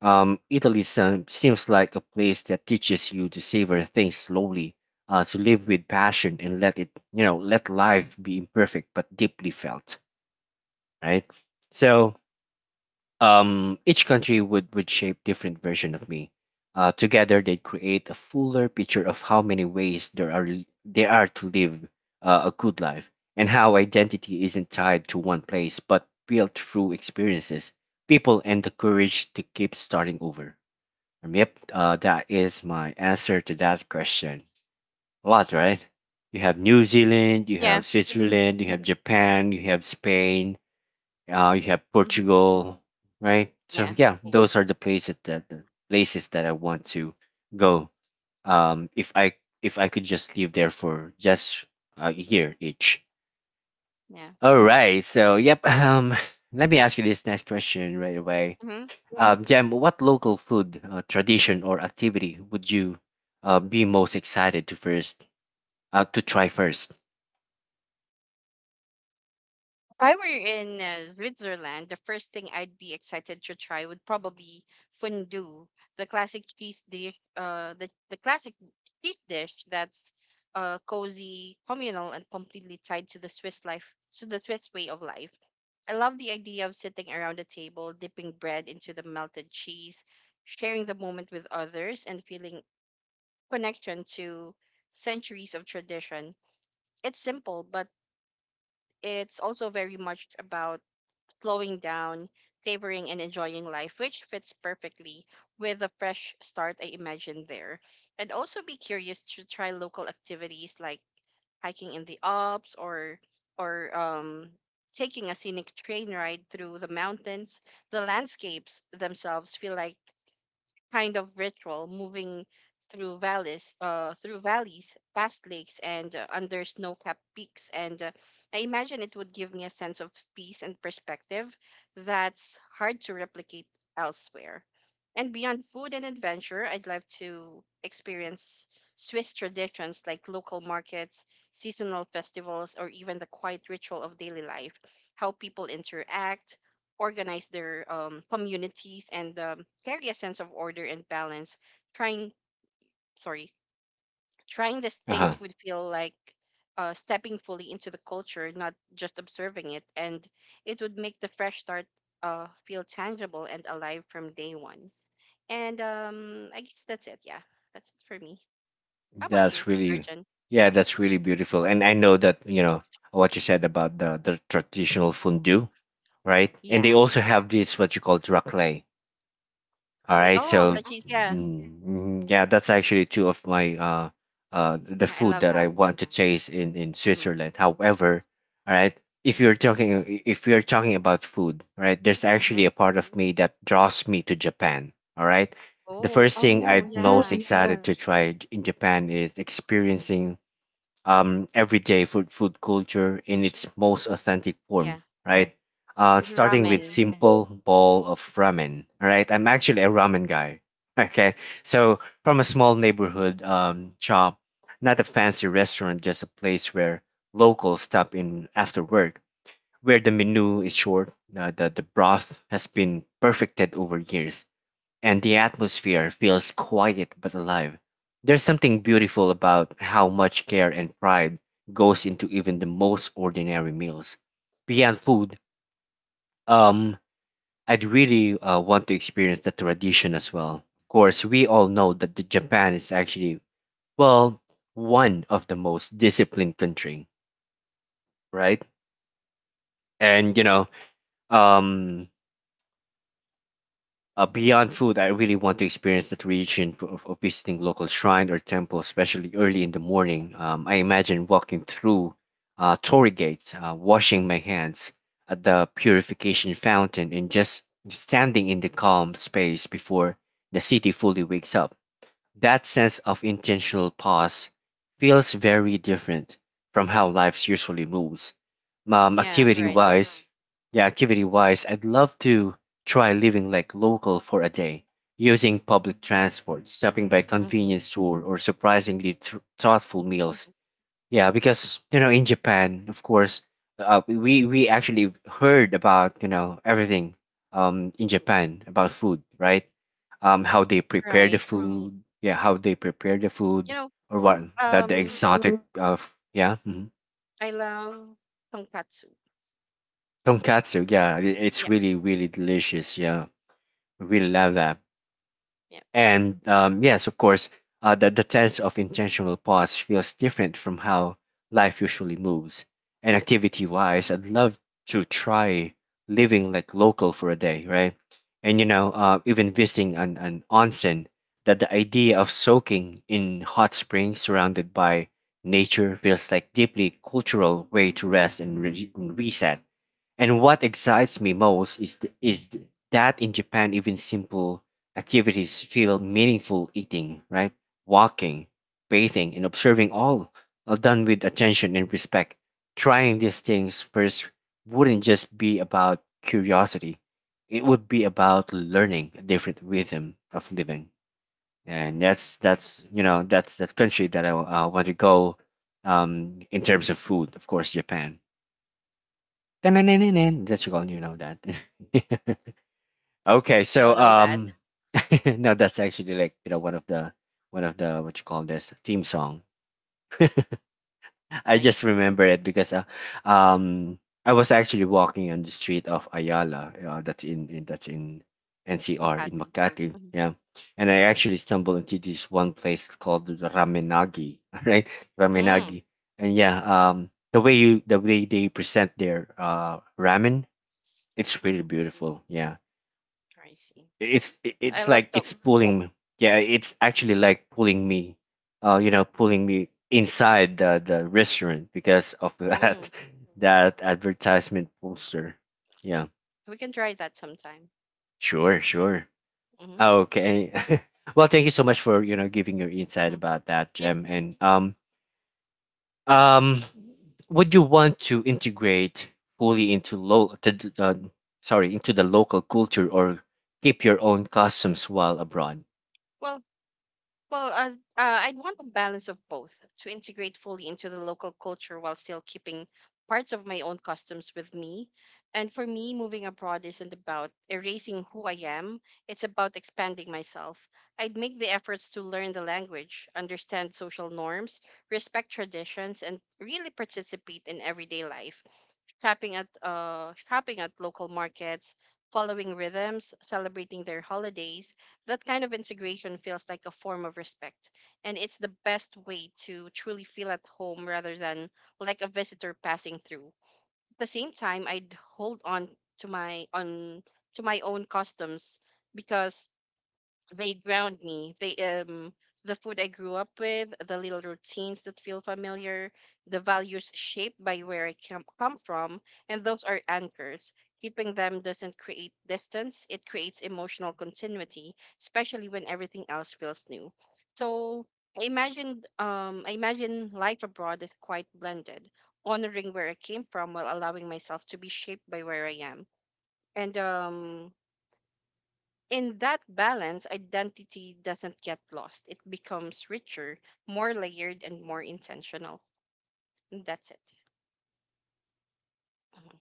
S1: um, Italy sem- seems like a place that teaches you to savor things slowly, uh, to live with passion and let it, you know, let life be imperfect but deeply felt, right? So, um, each country would would shape different version of me. Uh, together, they create a fuller picture of how many ways there are there are to live uh, a good life, and how identity isn't tied to one place but built through experiences, people, and the courage to keep starting over. Um, Yep, uh, that is my answer to that question. A lot, right? You have New Zealand, you
S2: Yeah.
S1: have
S2: Hmm.
S1: Switzerland, you have Japan, you have
S2: Hmm.
S1: Spain, uh, you have Portugal, right?
S2: Hmm.
S1: So yeah, those are the places that the places that I want to go. Um, if I if I could just live there for just a year each.
S2: Yeah.
S1: All right, so yep. Um, *laughs* let me ask you this next question right away.
S2: Hmm.
S1: Um, Jem, what local food, uh, tradition, or activity would you uh, be most excited to first uh, to try first?
S2: If I were in uh, Switzerland, the first thing I'd be excited to try would probably fondue, the classic cheese dish, uh, the, the classic cheese dish that's uh, cozy, communal, and completely tied to the Swiss life, to the Swiss way of life. I love the idea of sitting around a table, dipping bread into the melted cheese, sharing the moment with others, and feeling connection to centuries of tradition. It's simple, but it's also very much about slowing down, savoring, and enjoying life, which fits perfectly with the fresh start I imagined there. And also be curious to try local activities like hiking in the Alps or or um, taking a scenic train ride through the mountains. The landscapes themselves feel like kind of ritual, moving through valleys, uh, through valleys, past lakes, and uh, under snow-capped peaks. And uh, I imagine it would give me a sense of peace and perspective that's hard to replicate elsewhere. And beyond food and adventure, I'd love to experience Swiss traditions like local markets, seasonal festivals, or even the quiet ritual of daily life, how people interact organize their um, communities and um, carry a sense of order and balance. trying sorry Trying these
S1: Uh-huh.
S2: things would feel like uh, stepping fully into the culture, not just observing it. And it would make the fresh start uh, feel tangible and alive from day one. And um, I guess that's it. Yeah, that's it for me. How about
S1: That's
S2: you,
S1: really,
S2: Arjun?
S1: yeah, that's really beautiful. And I know that you know what you said about the the traditional fondue, right? And they
S2: Yeah,
S1: also have this what you call raclette. All
S2: quickly.
S1: right,
S2: Oh, the
S1: so
S2: cheese. Yeah.
S1: mm, mm, yeah, that's
S2: Mhm.
S1: actually two of my uh uh the
S2: Yeah, I
S1: food
S2: love
S1: that I
S2: that.
S1: want to taste in in
S2: Mm-hmm.
S1: Switzerland. However, all right, if you're talking if you're talking about food, right, there's
S2: Mm-hmm.
S1: actually a part of me that draws me to Japan. All right, the
S2: Oh,
S1: first thing
S2: oh,
S1: I'm most
S2: yeah.
S1: excited to try in Japan is experiencing um, everyday food food culture in its most authentic form,
S2: Yeah,
S1: right? Uh, starting
S2: ramen.
S1: with simple bowl of ramen, right? I'm actually a ramen guy. *laughs* Okay, so from a small neighborhood um, shop, not a fancy restaurant, just a place where locals stop in after work, where the menu is short, uh, the the broth has been perfected over years and the atmosphere feels quiet but alive. There's something beautiful about how much care and pride goes into even the most ordinary meals. Beyond food, um, I'd really uh, want to experience the tradition as well. Of course, we all know that the Japan is actually well one of the most disciplined country, right? And you know, um, Uh, beyond food, I really want to experience that region of, of visiting local shrine or temple, especially early in the morning. Um, I imagine walking through uh, Torii gates, uh, washing my hands at the purification fountain, and just standing in the calm space before the city fully wakes up. That sense of intentional pause feels very different from how life usually moves. Um,
S2: Yeah,
S1: activity
S2: right.
S1: wise, yeah, activity wise, I'd love to try living like local for a day, using public transport, stopping by
S2: Mm-hmm.
S1: convenience store, or surprisingly th- thoughtful meals.
S2: Hmm.
S1: Yeah, because you know, in Japan, of course, uh, we we actually heard about you know everything um in Japan about food, right? Um, how they prepare the
S2: Right.
S1: food, yeah, how they prepare the
S2: You
S1: food,
S2: know,
S1: or what that the
S2: um,
S1: exotic of yeah, mhm.
S2: I love tonkatsu.
S1: Tonkatsu, yeah, i- it's
S2: Yeah.
S1: really really delicious. Yeah, I really
S2: Hmm.
S1: love that.
S2: Yeah.
S1: And um, yes, of course, uh, the, the tense of intentional pause feels different from how life usually moves. And activity wise, I'd love to try living like local for a day, right? And you know, uh, even visiting an, an onsen, that the idea of soaking in hot springs surrounded by nature feels like deeply cultural way to rest and re- reset. And what excites me most is th- is th- that in Japan, even simple activities feel meaningful. Eating, right, walking, bathing, and observing all are done with attention and respect. Trying these things first wouldn't just be about curiosity; it would be about learning a different rhythm of living. And that's that's you know that's that country that I uh, want to go um, in terms of food, of course, Japan. Na na na na. That's all you know that. *laughs* Okay,
S2: I
S1: so
S2: don't know that.
S1: um, *laughs* no, that's actually like you know one of the one of the what you call this theme song. I
S2: I see.
S1: just remember it because uh, um, I was actually walking on the street of Ayala. Uh, that's in, in that's in N C R in
S2: Tonkati.
S1: Makati.
S2: Mm-hmm.
S1: Yeah, and I actually stumbled into this one place called the Ramenagi. *laughs* Right,
S2: Mm,
S1: Ramenagi, and yeah, um, the way you the way they present their uh ramen, it's pretty
S2: mhm.
S1: beautiful. Yeah.
S2: I see.
S1: It's i-
S2: I
S1: it's
S2: love
S1: like
S2: tok.
S1: it's pulling me. Yeah, it's actually like pulling me, uh, you know, pulling me inside the the restaurant because of *laughs*
S2: Mm.
S1: that that advertisement poster. Yeah.
S2: We can try that sometime.
S1: Sure, sure.
S2: Mm-hmm.
S1: Okay. *laughs* Well, thank you so much for, you know, giving your insight
S2: Mm-hmm.
S1: about that,
S2: Yeah,
S1: Jem.
S2: sure.
S1: And um, um, would you want to integrate fully into lo- to, d- uh, sorry, into the local culture or keep your own customs while abroad?
S2: Well, Well, uh, uh, I'd want a balance of both to integrate fully into the local culture while still keeping parts of my own customs with me. And for me, moving abroad isn't about erasing who I am, it's about expanding myself. I'd make the efforts to learn the language, understand social norms, respect traditions, and really participate in everyday life, shopping at uh shopping at local markets, following rhythms, celebrating their holidays. That kind of integration feels like a form of respect, and it's the best way to truly feel at home rather than like a visitor passing through. At the same time, I'd hold on to my on to my own customs because they ground me. They um the food I grew up with, the little routines that feel familiar, the values shaped by where I come come from, and those are anchors. Keeping them doesn't create distance, it creates emotional continuity, especially when everything else feels new. So I imagined um I imagine life abroad is quite blended, honoring where I came from while allowing myself to be shaped by where I am. And um in that balance, identity doesn't get lost. It becomes richer, more layered, and more intentional. And that's it. Hmm.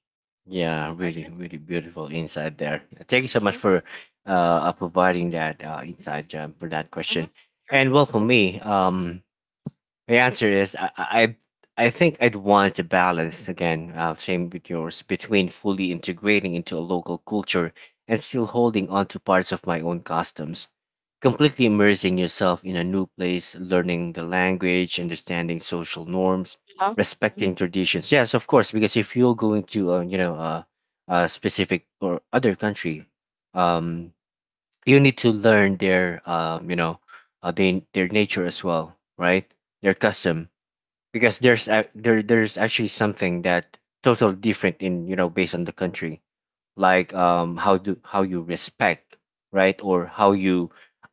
S1: Yeah, really,
S2: Arjun?
S1: really beautiful insight there. Thank you so much
S2: Mm-hmm.
S1: for uh, uh, providing that uh, insight um, for that
S2: Mm-hmm.
S1: question.
S2: Sure.
S1: And well, for me, um, the answer is I I I think I'd want to balance again, uh, same with yours, between fully integrating into a local culture and still holding on to parts of my own customs. Completely immersing yourself in a new place, learning the language, understanding social norms,
S2: Huh?
S1: respecting traditions. Yes, of course, because if you're going to uh, you know uh, a specific or other country, um, you need to learn their um, you know uh, they, their nature as well, right? Their custom, because there's a, there there's actually something that totally different in you know based on the country, like um how do how you respect, right? Or how you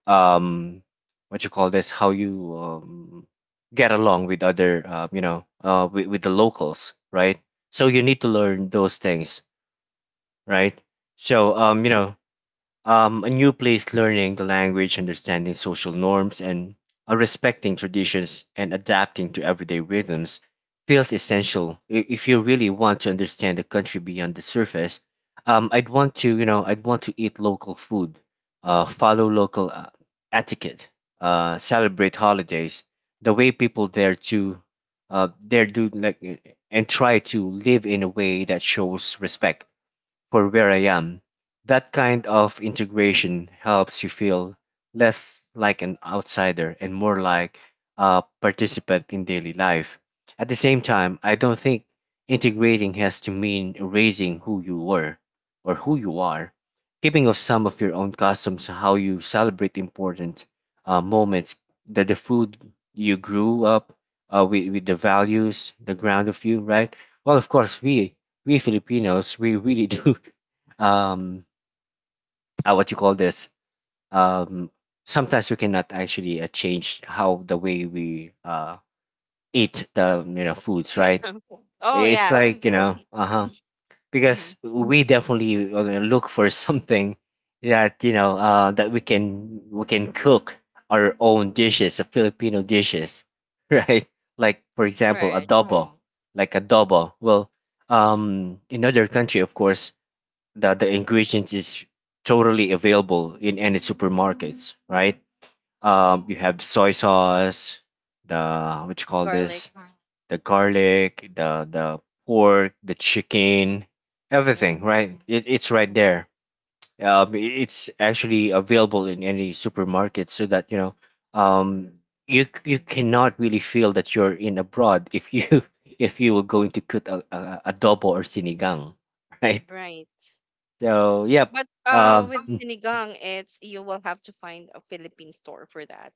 S1: um what you call this, how you um get along with other uh, you know uh with, with the locals, right? So you need to learn those things, right? So um you know um, a new place, learning the language, understanding social norms, and uh, respecting traditions and adapting to everyday rhythms feels essential i- if you really want to understand the country beyond the surface. Um, I'd want to, you know, I'd want to eat local food, uh, follow local uh, etiquette, uh, celebrate holidays, the way people there to, uh, there do like, uh, and try to live in a way that shows respect for where I am. That kind of integration helps you feel less like an outsider and more like a participant in daily life. At the same time, I don't think integrating has to mean erasing who you were or who you are. Keeping of some of your own customs, how you celebrate important uh, moments, the, the food you grew up uh, with, with the values, the ground of you, right? Well, of course, we we Filipinos, we really do *laughs* um uh, what you call this um sometimes we cannot actually uh, change how the way we uh eat the you know foods,
S2: Yeah.
S1: right?
S2: *laughs* Oh, yeah.
S1: It's like you know uh-huh,
S2: Mm-hmm.
S1: because we definitely uh, look for *laughs* something that you know uh that we can we can cook our own dishes, uh, filipino dishes, *laughs* right? Like for
S2: Right.
S1: example
S2: Right.
S1: adobo. Like adobo, well um in other country of course that the ingredient is totally available in any supermarkets, right? Um, you have soy sauce, the what you call
S2: Garlic.
S1: this, the garlic, the the pork, the chicken,
S2: Yeah.
S1: everything, right? It, it's right
S2: Hmm.
S1: there. Um, it- it's actually available in any supermarket, so that you know, um, you you cannot really feel that you're in abroad if you *laughs* if you were going to cook a, a, a adobo or sinigang, *laughs* right?
S2: Right.
S1: So yep,
S2: But uh,
S1: um,
S2: with
S1: mm,
S2: sinigang, it's you will have to find a Philippine store for that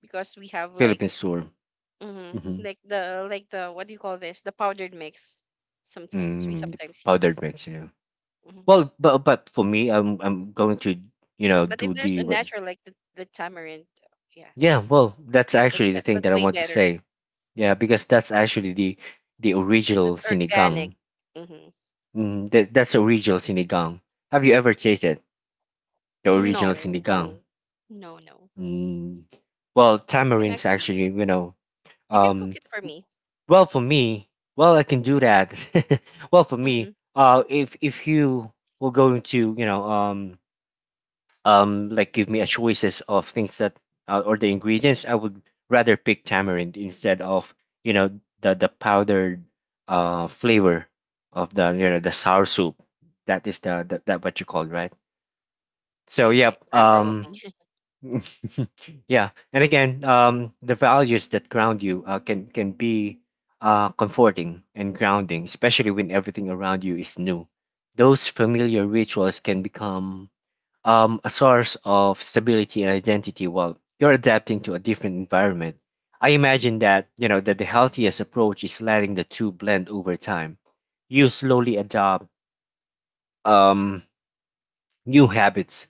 S2: because we have like
S1: Philippines tour,
S2: mhm,
S1: hmm
S2: like the like the what do you call this? The powdered mix. Sometimes we
S1: mm,
S2: sometimes use.
S1: powdered mix. Yeah.
S2: Mm-hmm.
S1: Well, but but for me, I'm I'm going to you know
S2: But if
S1: do
S2: there's
S1: the
S2: a
S1: what?
S2: natural like the, the tamarind, yeah,
S1: Yeah.
S2: that's
S1: Well, that's
S2: that's
S1: actually
S2: be-
S1: the thing
S2: that's
S1: that I
S2: way
S1: want to
S2: better
S1: say. Yeah, because that's actually the the
S2: because
S1: original
S2: it's organic.
S1: sinigang.
S2: Mm-hmm.
S1: Mm, that that's the original sinigang. Have you ever tasted the original
S2: No,
S1: sinigang?
S2: no, no.
S1: Mm, well,
S2: You can
S1: tamarind's actually
S2: actually
S1: you know
S2: you can cook
S1: um.
S2: it for me.
S1: Well, for me, well, I can do that. *laughs* Well, for
S2: Mm-hmm.
S1: me, uh, if if you were going to, you know, um, um, like give me a choices of things that uh, or the ingredients, I would rather pick tamarind instead of, you know, the the powdered uh flavor of the you know the sour soup. That is the, the that what you call right? So
S2: Yeah, yeah,
S1: yep.
S2: yeah,
S1: Um,
S2: probably. *laughs*
S1: *laughs* yeah, and again, um, the values that ground you uh, can can be uh, comforting and grounding, especially when everything around you is new. Those familiar rituals can become um, a source of stability and identity while you're adapting to a different environment. I imagine that you know that the healthiest approach is letting the two blend over time. You slowly adopt um, new habits,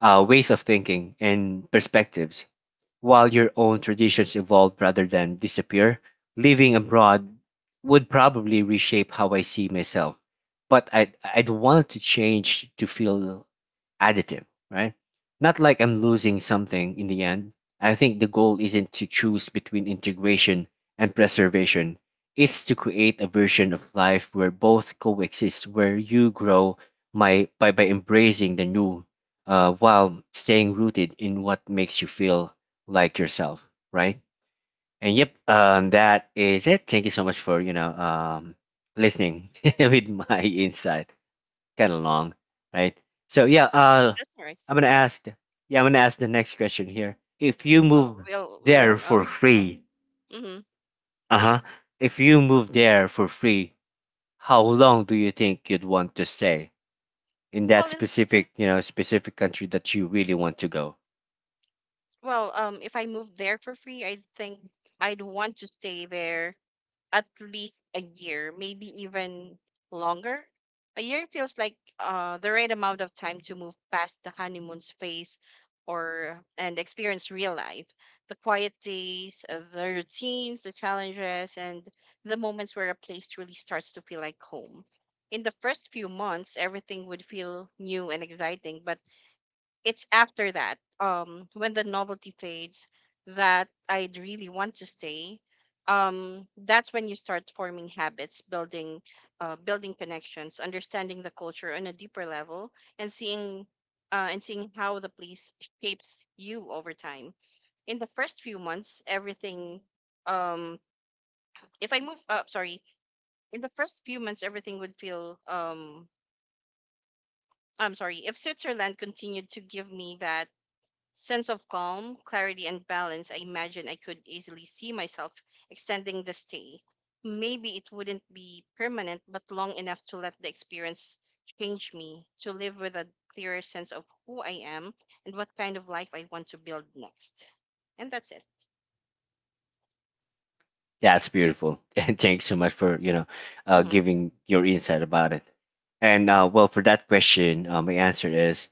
S1: uh, ways of thinking, and perspectives while your own traditions evolve rather than disappear. Living abroad would probably reshape how I see myself. But I'd, I'd want to change to feel additive, right? Not like I'm losing something in the end. I think the goal isn't to choose between integration and preservation. It's to create a version of life where both coexist, where you grow my, by, by embracing the new uh, while staying rooted in what makes you feel like yourself, right? And yep, um, that is it. Thank you so much for, you know, um, listening *laughs* with my insight kind of long, right? So yeah, uh,
S2: That's all right.
S1: I'm gonna ask. Yeah, I'm gonna ask the next question here. If you
S2: Oh,
S1: move
S2: we'll
S1: there
S2: we're um.
S1: for free,
S2: Mm-hmm.
S1: uh huh. If you move there for free, how long do you think you'd want to stay in
S2: Well,
S1: that
S2: then,
S1: specific, you know, specific country that you really want to go?
S2: well, um, if I move there for free, I think I'd want to stay there at least a year, maybe even longer. A year feels like uh, the right amount of time to move past the honeymoon's phase or and experience real life. The quiet days, uh, the routines, the challenges, and the moments where a place truly starts to feel like home. In the first few months, everything would feel new and exciting, but it's after that, um, when the novelty fades, that I'd really want to stay. Um, that's when you start forming habits, building, uh, building connections, understanding the culture on a deeper level, and seeing, uh, and seeing how the place shapes you over time. In the first few months, everything, um, if I move, uh, sorry, in the first few months, everything would feel, um, I'm sorry, if Switzerland continued to give me that sense of calm, clarity, and balance, I imagine I could easily see myself extending the stay. Maybe it wouldn't be permanent, but long enough to let the experience change me, to live with a clearer sense of who I am and what kind of life I want to build next. And that's it.
S1: That's beautiful, *laughs* and thanks so much for you know, uh,
S2: Hmm.
S1: giving your insight about it. And uh, well, for that question, uh, my answer is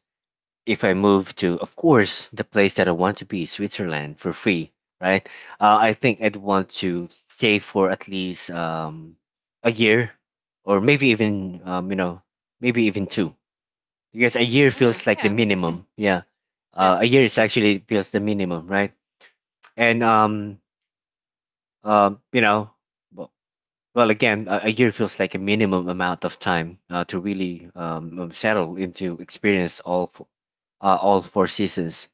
S1: if I move to, of course, the place that I want to be, Switzerland, for free, right? Uh, I think I'd want to stay for at least um, a year, or maybe even um, you know, maybe even two, because a year
S2: Mm,
S1: feels like the
S2: yeah,
S1: minimum. Yeah,
S2: yeah.
S1: uh, a year is actually feels the minimum, right? And um, um, you know, well, well again, a, a year feels like a minimum amount of time uh, to really um, um, settle into experience all f- uh, all four seasons,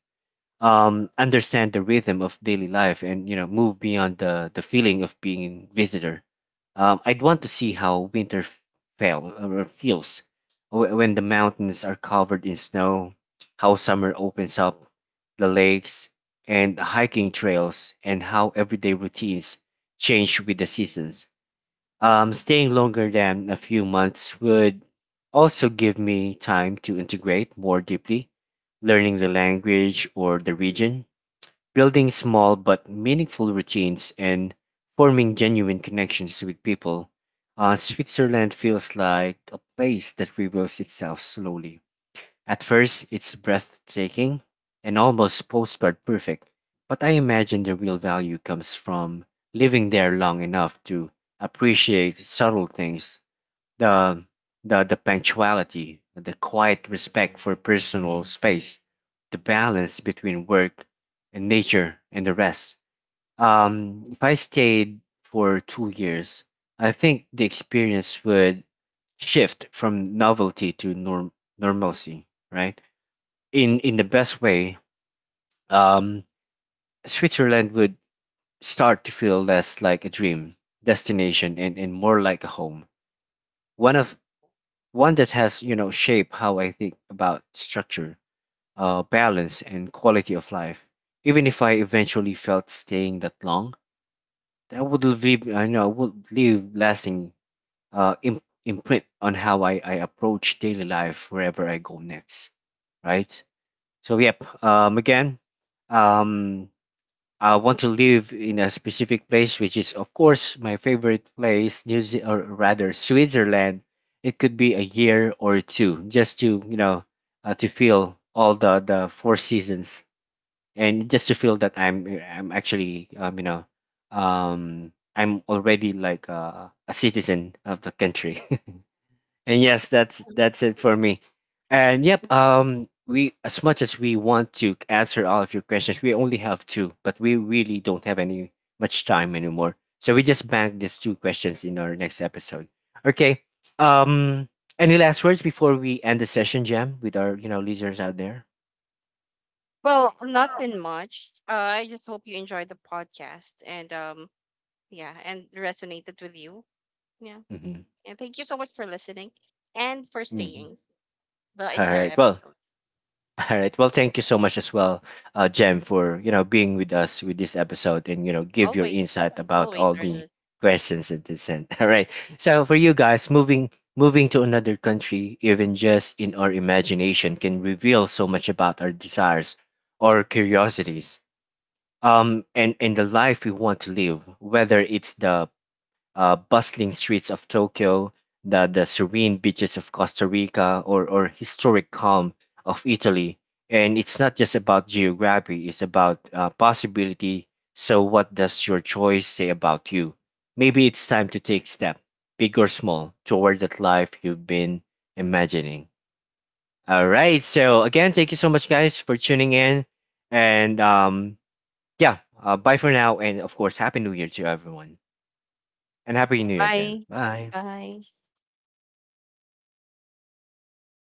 S1: um, understand the rhythm of daily life and you know move beyond the the feeling of being visitor. Um, I'd want to see how winter f- fell uh, or feels wh- when the mountains are covered in snow, how summer opens up the lakes and hiking trails, and how everyday routines change with the seasons. Um, staying longer than a few months would also give me time to integrate more deeply, learning the language or the region, building small but meaningful routines, and forming genuine connections with people. Uh, Switzerland feels like a place that reveals itself slowly. At first, it's breathtaking and almost postcard perfect, but I imagine the real value comes from living there long enough to appreciate subtle things, the, the, the punctuality, the quiet respect for personal space, the balance between work and nature and the rest. Um, if I stayed for two years, I think the experience would shift from novelty to norm- normalcy, right? in in the best way, um, Switzerland would start to feel less like a dream destination and, and more like a home. One of One that has you know shaped how I think about structure, uh, balance, and quality of life. Even if I eventually felt staying that long, that would leave I know would leave lasting uh, im- imprint on how I, I approach daily life wherever I go next. Right. So yep. Um. Again. Um I want to live in a specific place, which is, of course, my favorite place, New Ze- or rather Switzerland. It could be a year or two, just to you know, uh, to feel all the the four seasons, and just to feel that I'm I'm actually um, you know, um, I'm already like a, a citizen of the country. *laughs* And yes, that's that's it for me.
S2: Hmm.
S1: And yep, um we as much as we want to answer all of your questions, we only have two, but we really don't have any much time anymore. So we just bank these two questions in our next episode. Okay. Um any last words before we end the session, Jam, with our you know listeners out there?
S2: Well, not been much. Uh, I just hope you enjoyed the podcast and um, yeah, and resonated with you. Yeah.
S1: Mm-hmm.
S2: And thank you so much for listening and for
S1: Mm-hmm.
S2: staying the
S1: All
S2: entire
S1: right. Well,
S2: episode.
S1: All right. Well, thank you so much as well, uh, Jem, for you know being with us with this episode and you know give your
S2: Always,
S1: insight about
S2: always,
S1: all the
S2: Arjun.
S1: questions that they sent. *laughs* All right. So for you guys, moving moving to another country, even just in our imagination, can reveal so much about our desires or curiosities, um, and and the life we want to live. Whether it's the uh, bustling streets of Tokyo, the, the serene beaches of Costa Rica, or, or historic calm of Italy. And it's not just about geography, it's about uh, possibility. So, what does your choice say about you? Maybe it's time to take step, big or small, toward that life you've been imagining. All right. So, again, thank you so much, guys, for tuning in. And um, yeah, uh, bye for now. And of course, Happy New Year to everyone. And Happy New Year, Jen.
S2: Bye.
S1: Bye.
S2: Bye.